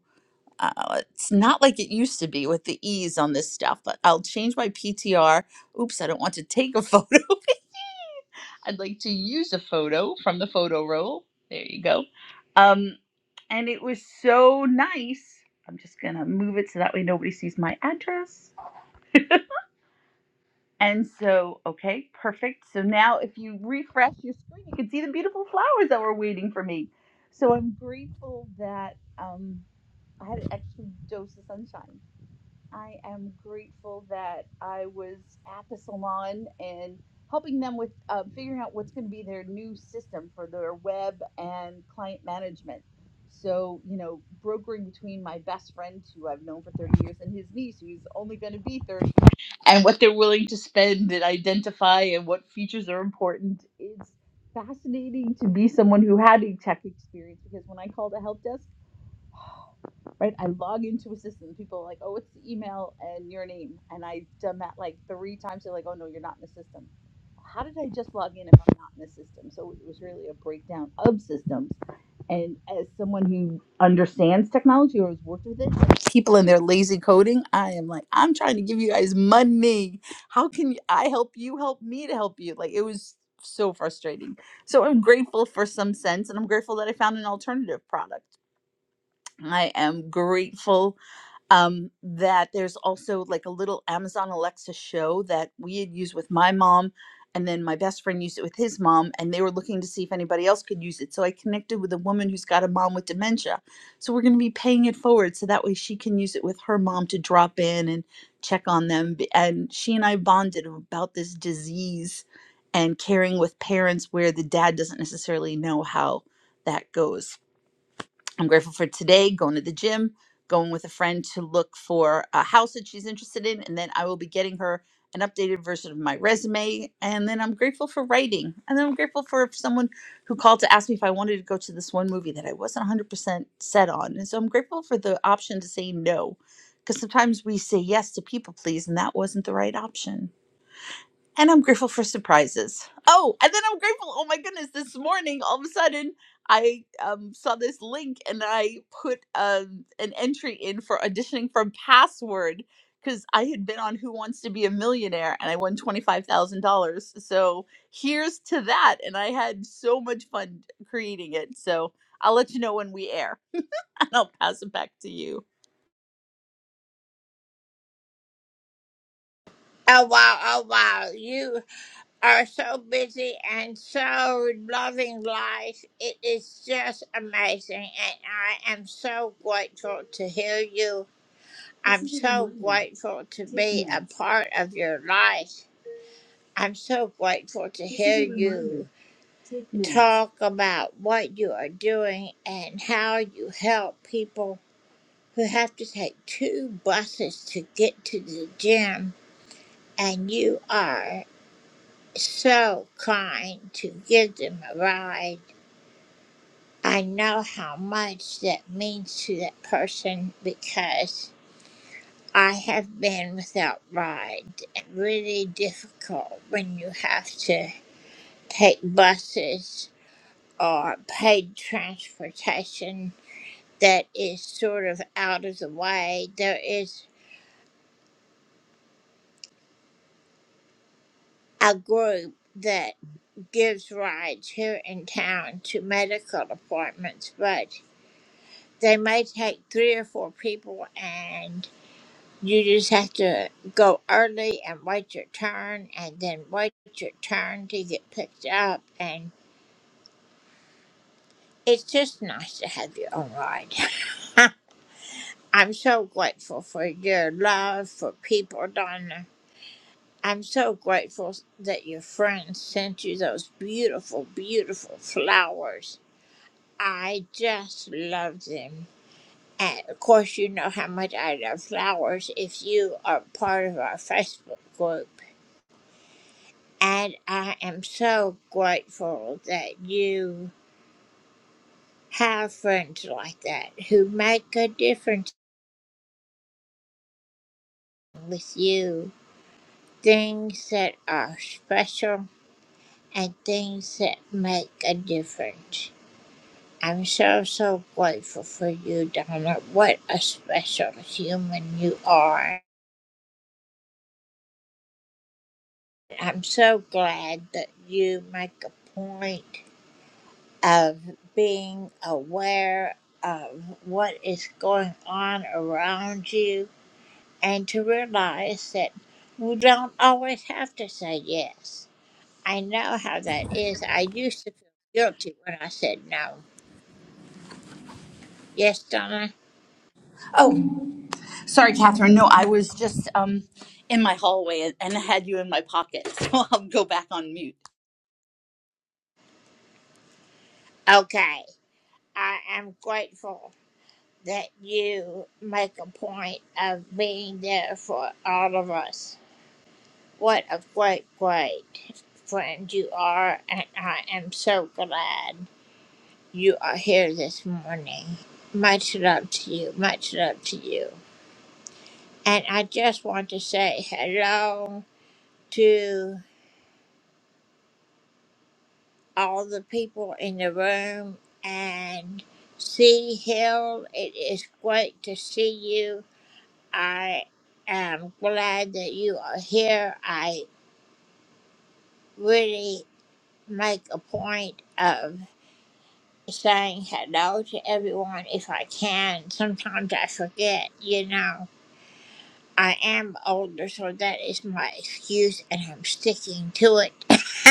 uh, it's not like it used to be with the ease on this stuff. But I'll change my PTR. Oops, I don't want to take a photo. I'd like to use a photo from the photo roll. There you go. Um, and it was so nice. I'm just gonna move it so that way nobody sees my address. And so, okay, perfect. So now if you refresh your screen, you can see the beautiful flowers that were waiting for me. So I'm grateful that um, I had an extra dose of sunshine. I am grateful that I was at the salon and helping them with uh, figuring out what's going to be their new system for their web and client management. So, you know, brokering between my best friend, who I've known for 30 years, and his niece, who's only going to be 30 and what they're willing to spend and identify and what features are important. It's fascinating to be someone who had a tech experience because when I called a help desk, right? I log into a system. People are like, oh, it's the email and your name. And I've done that like three times. They're like, oh, no, you're not in the system. How did I just log in if I'm not in the system? So it was really a breakdown of systems. And as someone who understands technology or has worked with it, like, people in their lazy coding, I am like, I'm trying to give you guys money. How can I help you help me to help you? Like it was so frustrating. So I'm grateful for some sense and I'm grateful that I found an alternative product I am grateful um, that there's also like a little Amazon Alexa show that we had used with my mom, and then my best friend used it with his mom, and they were looking to see if anybody else could use it. So I connected with a woman who's got a mom with dementia. So we're going to be paying it forward so that way she can use it with her mom to drop in and check on them. B- And she and I bonded about this disease and caring with parents where the dad doesn't necessarily know how that goes I'm grateful for today, going to the gym, going with a friend to look for a house that she's interested in, and then I will be getting her an updated version of my resume. And then I'm grateful for writing. And then I'm grateful for someone who called to ask me if I wanted to go to this one movie that I wasn't 100% set on. And so I'm grateful for the option to say no, because sometimes we say yes to people please, and that wasn't the right option. And I'm grateful for surprises. Oh, and then I'm grateful. Oh my goodness, this morning, all of a sudden, I um, saw this link and I put um, an entry in for auditioning for Password because I had been on Who Wants to Be a Millionaire and I won $25,000. So here's to that. And I had so much fun creating it. So I'll let you know when we air and I'll pass it back to you. Oh, Sorry, Catherine. No, I was just um, in my hallway and had you in my pocket. So I'll go back on mute.